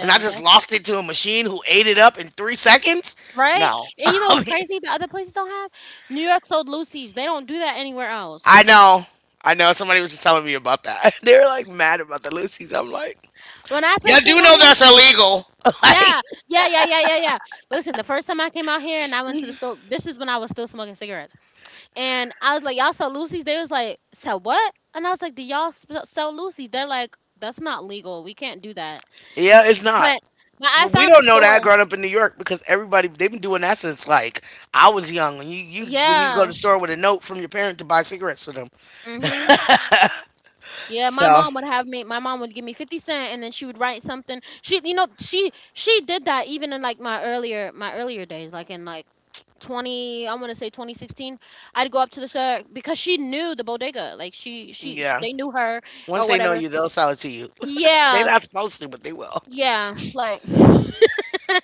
S1: And I just
S2: That's
S1: lost it to a machine who ate it up in 3 seconds?
S2: right.
S1: No.
S2: And you know what's
S1: I mean,
S2: crazy? The other places don't have, New York sold Lucy's. They don't do that anywhere else.
S1: I know. I know. Somebody was just telling me about that. they were like mad about the Lucy's. I'm like,
S2: When I
S1: yeah, I
S2: first
S1: do
S2: came out
S1: know
S2: here,
S1: that's illegal. like,
S2: yeah, yeah, yeah, yeah, yeah, yeah. Listen, the first time I came out here and I went to the store, this is when I was still smoking cigarettes. And I was like, y'all sell Lucy's? They was like, sell what? And I was like, do y'all sell Lucy's? They're like, that's not legal. We can't do that.
S1: yeah, it's not.
S2: But but I
S1: But we
S2: found a
S1: don't know
S2: store.
S1: that growing up in New York because everybody they've been doing that since like I was young. When you when you go to
S2: Yeah.
S1: the store with a note from your parent to buy cigarettes for them.
S2: Mhm. Yeah. My
S1: So
S2: mom would have me. My mom would give me 50 cents, and then she would write something. She, you know, she did that even in like my earlier days, like in like 20, I want to say 2016, I'd go up to the store because she knew the bodega, like
S1: yeah,
S2: they knew her or
S1: once they know
S2: whatever,
S1: you, they'll sell it to you. They're
S2: yeah.
S1: not supposed to, but they will.
S2: Yeah, like, and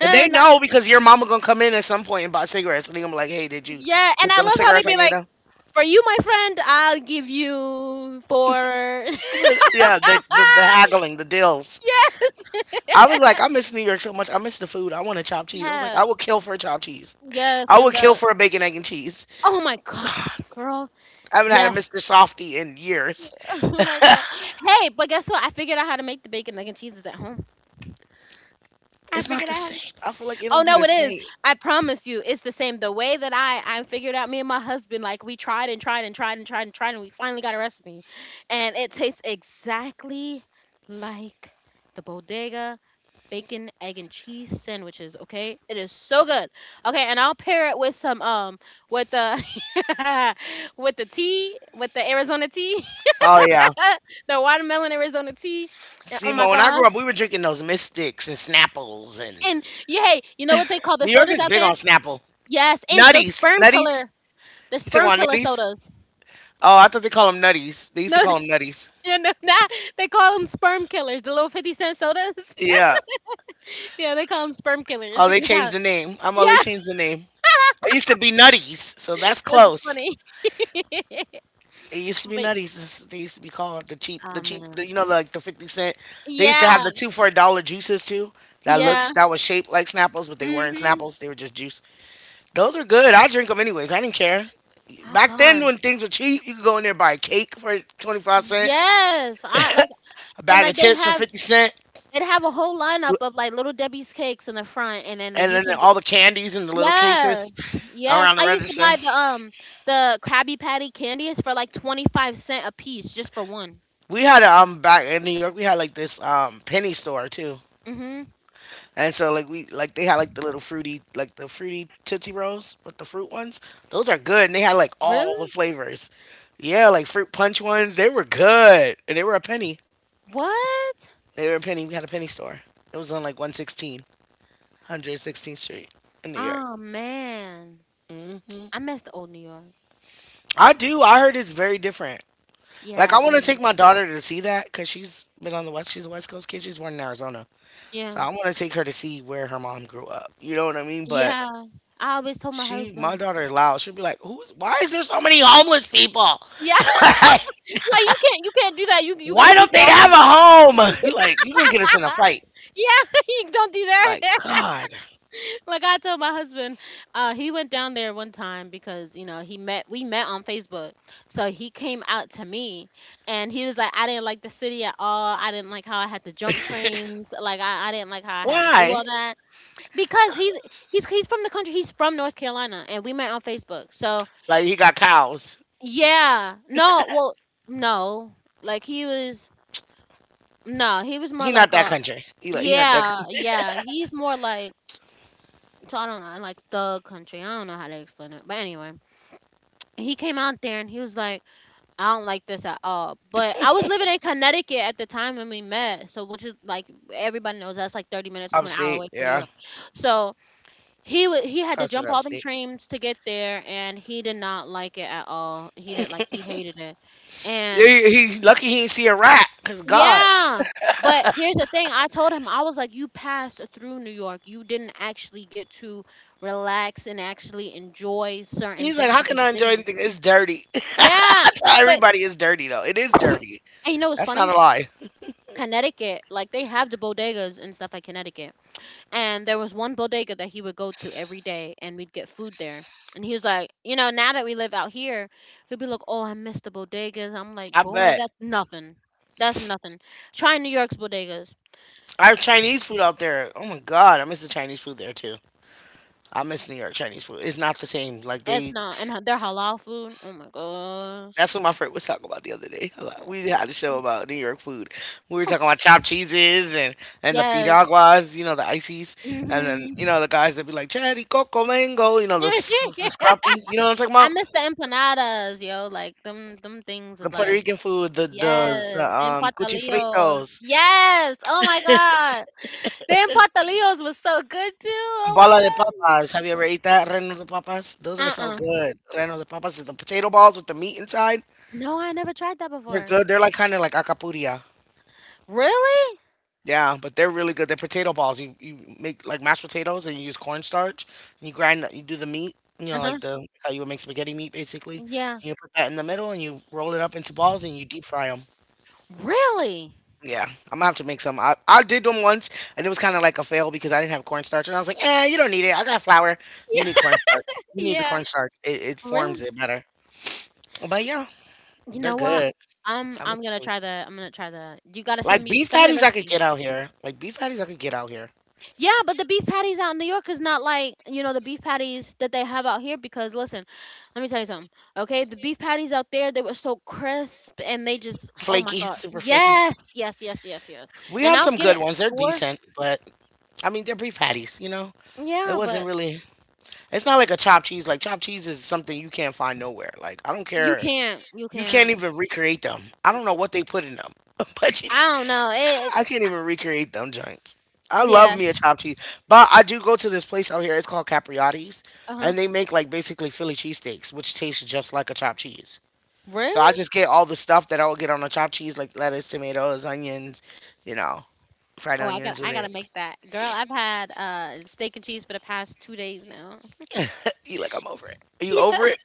S1: But they know because your mama gonna come in at some point and buy cigarettes, and they gonna be like, "Hey, did you
S2: yeah, and
S1: get
S2: I
S1: them
S2: love how they
S1: cigarettes
S2: be
S1: I gave
S2: like,
S1: them?"
S2: for you, my friend, I'll give you four.
S1: yeah, the haggling, the deals.
S2: Yes,
S1: I was like, I miss New York so much. I miss the food. I want a chopped cheese. I was like,
S2: yeah,
S1: I would kill for a chopped cheese.
S2: yes,
S1: I
S2: and
S1: would kill
S2: the,
S1: for a bacon, egg, and cheese.
S2: oh my gosh, girl,
S1: I haven't had a
S2: yes,
S1: Mr. Softy in years.
S2: oh my god. Hey, but guess what? I figured out how to make the bacon, egg, and cheeses at home. I
S1: It's not
S2: figured
S1: the
S2: out.
S1: same. I feel like it
S2: Oh
S1: don't be
S2: no,
S1: the
S2: it is.
S1: same.
S2: I promise you, it's the same. The way that I figured out, me and my husband, like we tried, and we finally got a recipe, and it tastes exactly like the bodega bacon, egg, and cheese sandwiches. Okay, it is so good. Okay, and I'll pair it with some with the with the tea, with the Arizona tea,
S1: Oh yeah.
S2: the watermelon Arizona tea. Oh
S1: See,
S2: my
S1: Mo, when I grew up,
S2: gosh!
S1: we were drinking those Mystics and Snapples, and
S2: And yeah, hey, you know what they call the
S1: New York
S2: sodas
S1: is
S2: out
S1: big
S2: there?
S1: on Snapple.
S2: Yes, and
S1: Nutties, nutties.
S2: the
S1: You talking
S2: sperm
S1: about
S2: killer
S1: nutties?
S2: sodas.
S1: Oh, I thought they call them nutties. They used to
S2: No,
S1: call them nutties.
S2: yeah, no, not, they call them sperm killers. The little 50 cent sodas.
S1: Yeah.
S2: Yeah, they call them sperm killers
S1: Oh, they
S2: because I.
S1: changed the name. I'm all they
S2: Yeah,
S1: changed the name. It used to be nutties, so that's
S2: that's
S1: close.
S2: funny.
S1: It used to be
S2: but
S1: nutties. They used to be called the cheap,
S2: um,
S1: the, you know, like the 50 cent. They used to have
S2: yeah,
S1: the two for a dollar juices too. That
S2: yeah.
S1: looks that was shaped like Snapples, but they weren't
S2: Mhm.
S1: Snapples. They were just juice. Those are good. I drink them anyways. I didn't care.
S2: Oh
S1: Back then,
S2: God.
S1: when things were cheap, you could go in there and buy a cake for 25 cent,
S2: Yes, I like,
S1: a
S2: and
S1: bag of
S2: like they'd
S1: chips for
S2: have,
S1: 50 cent,
S2: a whole lineup of like Little Debbie's cakes in the front, and then like
S1: and
S2: you
S1: then
S2: can,
S1: all the candies in the little
S2: yes,
S1: cases
S2: yes.
S1: around the
S2: I used to
S1: register.
S2: buy the Krabby Patty candies for like 25 cent a piece just for one.
S1: We had a back in New York. We had like this penny store too.
S2: Mhm.
S1: And so like we like they had like the little fruity like the fruity tootsie rolls with the fruit ones. Those are good, and they had like
S2: Really?
S1: all the flavors. Yeah, like fruit punch ones. They were good, and they were a penny.
S2: What?
S1: They were a penny. We had a penny store. It was on like 116, Street in New York.
S2: Oh man.
S1: Hmm.
S2: I miss the old New York.
S1: I do. I heard it's very different. Like I
S2: Yeah. It
S1: want to take
S2: is.
S1: my daughter to see that because she's been on the west. She's a West Coast kid. She's born in Arizona, so
S2: Yeah.
S1: I want to take her to see where her mom grew up. You know what I mean? But
S2: Yeah. I always told my
S1: she, my
S2: husband.
S1: daughter is loud. She'll be like, "Who's? Why is there so many homeless people?
S2: Yeah.
S1: like,
S2: Like you can't, you can't do that. You got to
S1: why
S2: keep
S1: don't they have a
S2: walking.
S1: home? like, you gonna get us in a fight?
S2: yeah, you don't do that.
S1: Like, God,
S2: Like I told my husband, he went down there one time because you know he met, we met on Facebook. So he came out to me, and he was like, "I didn't like the city at all. I didn't like how I had to jump trains. Like I didn't like how I had to do
S1: why?
S2: all that because he's from the country. He's from North Carolina, and we met on Facebook. So
S1: Like, he got cows.
S2: yeah, no, well, no, like he was no, he was
S1: He
S2: more
S1: not
S2: like
S1: that
S2: a
S1: country. He like, he not that
S2: yeah,
S1: coun-
S2: yeah. He's more like so I don't know, I like thug country. I don't know how to explain it. But anyway, he came out there and he was like, I don't like this at all. But I was living in Connecticut at the time when we met. So which is like everybody knows that's like 30 minutes to an hour
S1: upstate.
S2: away from New
S1: Yeah,
S2: York. So he had to
S1: considered
S2: jump all them
S1: upstate.
S2: trains to get there and he did not like it at all. He didn't like he hated it. And
S1: He lucky he ain't see a rat. Cause God,
S2: yeah. But here's the thing. I told him, I was like, you passed through New York. You didn't actually get to relax and actually enjoy certain
S1: he's like,
S2: things
S1: how
S2: of the
S1: can I enjoy
S2: city.
S1: anything? It's dirty.
S2: Yeah.
S1: That's how
S2: But,
S1: everybody is dirty though. It is dirty.
S2: and you know what's
S1: That's
S2: funny?
S1: not a lie.
S2: Connecticut, like they have the bodegas and stuff at Connecticut. And there was one bodega that he would go to every day and we'd get food there. And he was like, you know, now that we live out here, he'd be like, oh, I miss the bodegas. I'm like,
S1: I
S2: boy,
S1: bet.
S2: that's nothing. That's nothing. Try New York's bodegas.
S1: I have Chinese food out there. Oh my God, I miss the Chinese food there too. I miss New York Chinese food. It's not the same. Like
S2: It's
S1: they,
S2: not, and ha- their halal food. Oh my gosh.
S1: that's what my friend was talking about the other day. A
S2: Oh,
S1: lot- We had a show about New York food. We were talking about chopped cheeses and the
S2: yes.
S1: piraguas, you know, the ices, and then you know
S2: Mhm.
S1: the guys that be like cherry coco mango, you know the s- the scrappies. You know what I'm talking
S2: I
S1: about?
S2: miss the empanadas, yo. Like them things
S1: The
S2: is
S1: Puerto
S2: like,
S1: Rican food, the
S2: yes, the empatalios.
S1: cuchifritos,
S2: Yes. Oh my god, the empatalios was so good too. Oh my
S1: bala de
S2: god.
S1: papas. Have you ever ate that reno de papas? Those are so
S2: Uh,
S1: good. Reno de papas is the potato balls with the meat inside.
S2: no, I never tried that
S1: They're
S2: before.
S1: good. They're like kind of like acapuria.
S2: Really?
S1: Yeah, but they're really good. They're potato balls. You make like mashed potatoes and you use cornstarch and you grind you do the meat, you
S2: Uh
S1: know,
S2: huh.
S1: like the like how you would make spaghetti meat basically.
S2: Yeah.
S1: You put that in the middle and you roll it up into balls and you deep fry them.
S2: Really?
S1: Yeah, I'm gonna have to make some. I did them once and it was kind of like a fail because I didn't have cornstarch and I was like, eh, you don't need it. I got flour.
S2: Yeah.
S1: You need cornstarch. You need the
S2: Yeah.
S1: cornstarch. It
S2: Really?
S1: forms it better. But yeah,
S2: You
S1: they're
S2: know what?
S1: good. I miss the food.
S2: I'm gonna try the. You gotta
S1: Like beef
S2: send me the
S1: patties, I could
S2: recipe.
S1: get out here. Like beef patties, I could get out here.
S2: Yeah, but the beef patties out in New York is not like, you know, the beef patties that they have out here because listen, let me tell you something. Okay, the beef patties out there, they were so crisp and they just oh my
S1: Flaky,
S2: god.
S1: super flaky.
S2: Yes, yes, yes, yes, yes.
S1: We
S2: And
S1: have
S2: I'll
S1: some
S2: get it
S1: good
S2: at the
S1: ones. They're
S2: store.
S1: decent, but I mean they're beef patties. You know, it
S2: Yeah,
S1: wasn't
S2: but
S1: really. It's not like a chopped cheese. Like chopped cheese is something you can't find nowhere. Like I don't
S2: you
S1: care.
S2: can't. You
S1: You can't
S2: can't.
S1: even recreate them. I
S2: Mm,
S1: don't know what they put in them, but you
S2: I
S1: can,
S2: don't know. It
S1: I can't even recreate them joints. I love
S2: yeah.
S1: me a chopped cheese, but I do go to this place out here. It's called Capriotti's,
S2: Uh-huh.
S1: and they make like basically Philly cheesesteaks, which tastes just like a chopped cheese. So I
S2: Really?
S1: just get all the stuff that I would get on a chopped cheese, like lettuce, tomatoes, onions, you know, fried
S2: Oh,
S1: onions with
S2: I
S1: it.
S2: gotta make that. Girl, I've had steak and cheese for the past 2 days now.
S1: You like I'm over it. Are you over it?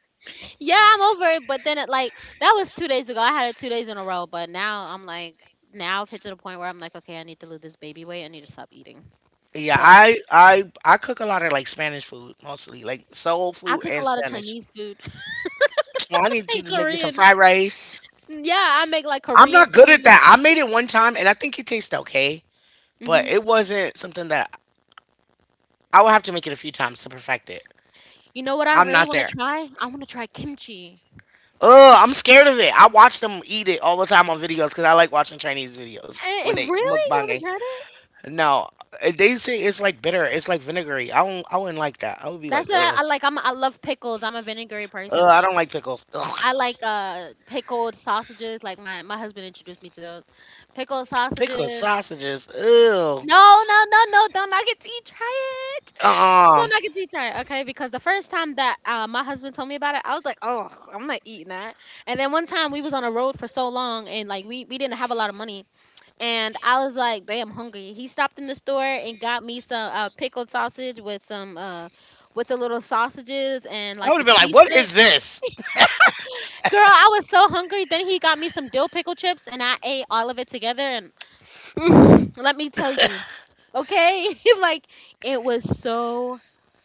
S2: Yeah, I'm over it. But then it like that was 2 days ago. I had it 2 days in a row. But now I'm like now I've hit to the point where I'm like, okay, I need to lose this baby weight. I need to stop eating.
S1: Yeah,
S2: So
S1: I cook a lot of like Spanish food mostly, like soul
S2: I
S1: food
S2: cook a
S1: and
S2: lot of
S1: Spanish.
S2: Chinese food
S1: Well, I need you
S2: and
S1: to make me some
S2: Korean.
S1: fried rice.
S2: Mm, yeah, I make like
S1: I'm
S2: Korean
S1: not good at
S2: food.
S1: that. I made it one time and I think it tasted okay, but
S2: Hmm.
S1: it wasn't something that I would have to make it a few times to perfect it.
S2: You know what I
S1: I'm
S2: really
S1: not
S2: want to
S1: there.
S2: try? I want to try kimchi.
S1: Ugh, I'm scared of it. I watch them eat it all the time on videos because I like watching Chinese videos
S2: And
S1: when
S2: it
S1: they
S2: really? You haven't
S1: mukbanging.
S2: tried it?
S1: No, eh, they say it's like bitter. It's like vinegary. I don't. I wouldn't like that. I would be like,
S2: That's what
S1: ugh,
S2: I like. I'm I love pickles. I'm a vinegary
S1: ugh.
S2: person.
S1: I
S2: Like
S1: don't like pickles. Ugh.
S2: I like pickled sausages. Like my husband introduced me to those pickled
S1: Pickled
S2: sausages.
S1: sausages. Ew.
S2: No, no, no, no. Don't knock it till you try it.
S1: Uh-uh.
S2: Don't knock it till you try it. Okay, because the first time that my husband told me about it, I was like, oh, I'm not eating that. And then one time we was on a road for so long and like we didn't have a lot of money. And I was like, babe, I'm hungry. He stopped in the store and got me some pickled sausage with some with the little sausages and
S1: I would
S2: like the
S1: have been like,
S2: cheese
S1: what
S2: stick.
S1: is this?
S2: Girl, I was so hungry. Then he got me some dill pickle chips and I ate all of it together and let me tell you. Okay? like it was so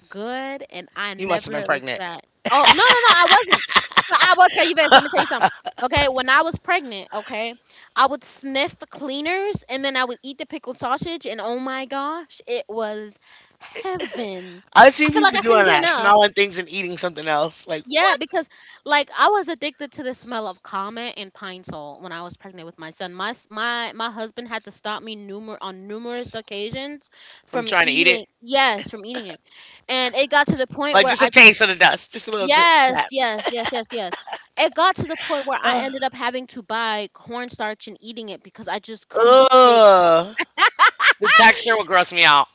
S2: good and I
S1: You must have been
S2: never looked
S1: pregnant.
S2: back. Oh, no, no, no, I wasn't. But I will tell you this. Let me tell you something. Okay, when I was pregnant, okay, I would sniff cleaners and then I would eat the pickled sausage and oh my gosh, it was heaven.
S1: I've
S2: I
S1: seen
S2: feel like
S1: people
S2: I
S1: doing
S2: couldn't get
S1: that,
S2: enough.
S1: smelling things and eating something else. Like,
S2: Yeah,
S1: what?
S2: because like I was addicted to the smell of Comet and Pine Sol when I was pregnant with my son. My husband had to stop me numerous occasions
S1: From
S2: from
S1: trying to eat it.
S2: eating. Yes, from eating it, and it got to the point
S1: Like,
S2: where
S1: just a
S2: I just
S1: taste of the dust. Just a little
S2: yes,
S1: tap.
S2: yes, yes, yes, yes. It got to the point where I ended up having to buy cornstarch and eating it because I just couldn't take
S1: Ugh. The texture will gross me out.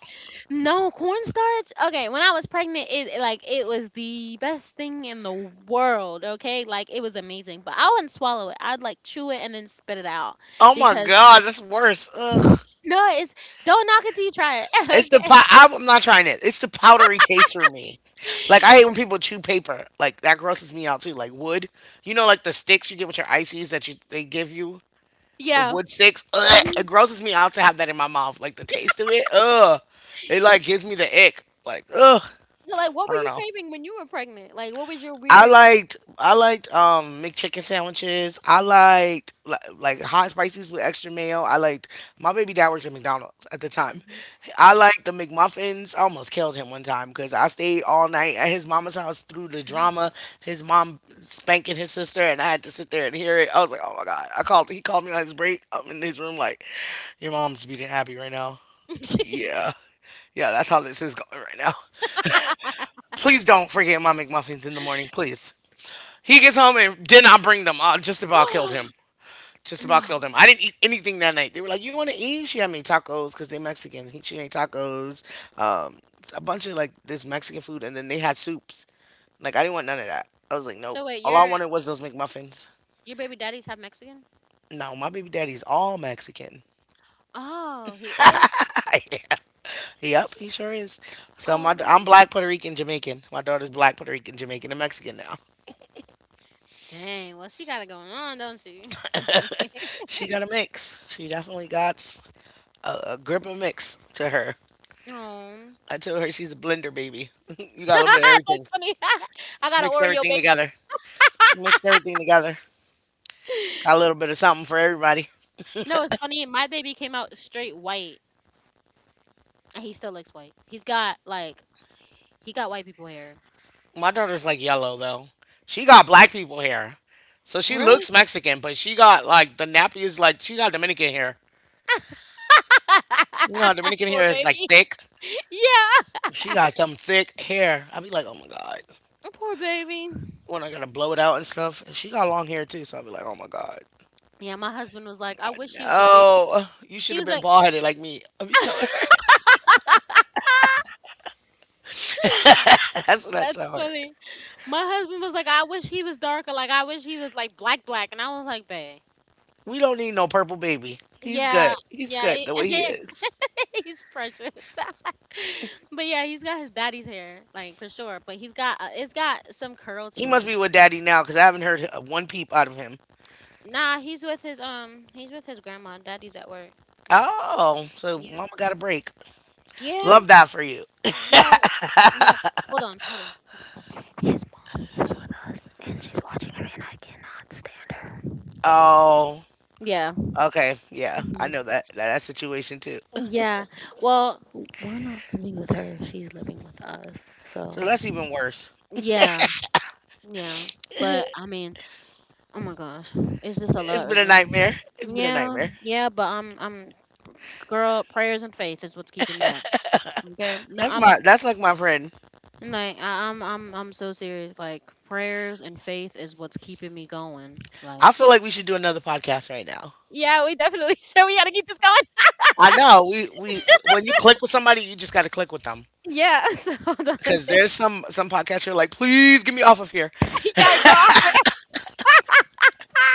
S2: no, cornstarch? Okay, when I was pregnant, it like it was the best thing in the world, okay? Like it was amazing. But I wouldn't swallow it. I'd like chew it and then spit it out
S1: Oh my
S2: because
S1: God, that's worse. Ugh.
S2: no, it's don't knock it till you try it.
S1: It's the
S2: okay.
S1: pot. I'm not trying it. It's the powdery taste for me. Like I hate when people chew paper. Like that grosses me out too. Like wood. You know, like the sticks you get with your ices that you they give you. The
S2: Yeah.
S1: wood sticks. Ugh, it
S2: Hmm.
S1: grosses me out to have that in my mouth. Like the taste of it. Ugh. It like gives me the ick. Like ugh.
S2: So, like, what
S1: I
S2: were
S1: don't
S2: you
S1: know.
S2: craving when you were pregnant? Like, what was your
S1: I
S2: weird?
S1: liked I liked um McChicken sandwiches. I liked like hot and spices with extra mayo. I liked my baby dad worked at McDonald's at the time.
S2: Hmm.
S1: I
S2: Yeah.
S1: liked the McMuffins. I almost killed him one time because I stayed all night at his mama's house through the drama. His mom spanking his sister, and I had to sit there and hear it. I was like, oh my God! I called. He called me on his break. I'm in his room like, your mom's beating happy right now. Yeah, yeah. That's how this is going right now. Please don't forget my McMuffins in the morning, please. He gets home and did not bring them. Just about killed him. Just about
S2: no.
S1: killed him. I didn't eat anything that night. They were like, "You want to eat?" She had me tacos because they Mexican. She made tacos, um, a bunch of like this Mexican food, and then they had soups. Like I didn't want none of that. I was like, nope.
S2: So wait,
S1: All I wanted was those McMuffins.
S2: your baby daddy's half Mexican?
S1: No, my baby daddy's all Mexican.
S2: Oh, he is?
S1: Yeah. Yep, he sure is. So
S2: Oh.
S1: I'm black Puerto Rican Jamaican. My daughter's black Puerto Rican Jamaican and Mexican now.
S2: Dang, well she got it going on, don't she?
S1: She got a mix. She definitely got a grip of mix to her.
S2: Oh.
S1: I told her she's a blender baby. You got a little bit of everything.
S2: That's funny. I
S1: Just
S2: got an
S1: mix
S2: Oreo
S1: everything
S2: baby.
S1: together. Mix everything together. Got a little bit of something for everybody.
S2: You know what's funny? My baby came out straight white, and he still looks white. He's got like he got white people hair.
S1: My daughter's like yellow though. She got black people hair. So she
S2: Really?
S1: looks Mexican, but she got like the nappy is like she got Dominican hair. You know how Dominican
S2: Poor
S1: hair is like
S2: baby.
S1: thick?
S2: Yeah.
S1: She got some thick hair. I'd be like, oh my God.
S2: Poor baby.
S1: When I gotta blow it out and stuff. And she got long hair too, so I'd be like, oh my God.
S2: Yeah, my husband was like, I wish you the big.
S1: No. You should
S2: He
S1: have
S2: was
S1: been
S2: like,
S1: bald headed like me. I would be telling her. That's what I
S2: that's
S1: tell her.
S2: funny. My husband was like, I wish he was darker. Like, I wish he was like black, black. And I was like, babe.
S1: We don't need no purple baby. He's
S2: Yeah.
S1: good. He's
S2: Yeah.
S1: good the way he
S2: It,
S1: is.
S2: he's precious. but yeah, he's got his daddy's hair, like for sure. But he's got it's got some curl
S1: He
S2: to it.
S1: must be with daddy now because I haven't heard one peep out of him.
S2: Nah, he's with his grandma. Daddy's at work.
S1: Oh, so
S2: Yeah.
S1: mama got a break.
S2: Yeah.
S1: Love that for you.
S2: No. No. Hold on. Hold on. Hold on. His mom lives with us, and she's watching him, and I cannot stand her.
S1: Oh,
S2: Yeah.
S1: okay. Yeah, I
S2: Hmm.
S1: know that, that situation too.
S2: Yeah. Well, we're not living with her. She's living with us.
S1: So
S2: So
S1: that's even worse.
S2: yeah, yeah. But I mean, oh my gosh, it's just a
S1: It's
S2: lot
S1: been
S2: right
S1: a
S2: now.
S1: nightmare. It's been a
S2: Yeah,
S1: nightmare.
S2: yeah, but girl, prayers and faith is what's keeping me up. Okay, no,
S1: That's
S2: I'm
S1: my that's like my friend.
S2: like, I'm so serious. Like, prayers and faith is what's keeping me going. Like,
S1: I feel like we should do another podcast right now.
S2: yeah, we definitely should. We got to keep this going.
S1: I know we, when you click with somebody, you just got to click with them
S2: Yeah. So hold on.
S1: because there's some podcasts you're like, please get me off of here.
S2: Yeah, girl. I,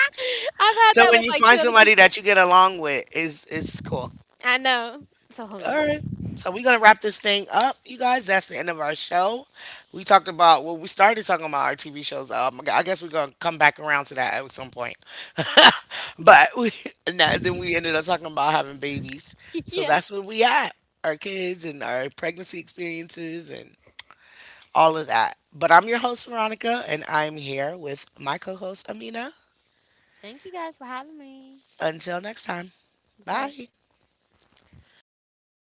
S2: I've had
S1: So
S2: that
S1: when
S2: with
S1: you
S2: like two
S1: find
S2: other
S1: somebody
S2: people.
S1: that you get along with, is cool.
S2: I know. So hold
S1: All
S2: on.
S1: right. So we're gonna wrap this thing up, you guys. That's the end of our show. We talked about, well, we started talking about our TV shows. I guess we're gonna come back around to that at some point. but we and then we ended up talking about having babies. So
S2: Yeah.
S1: that's where we at. Our kids and our pregnancy experiences and all of that. But I'm your host Veronica, and I'm here with my co-host Amina.
S2: Thank you guys for having me.
S1: Until next time,
S2: Bye.
S1: bye.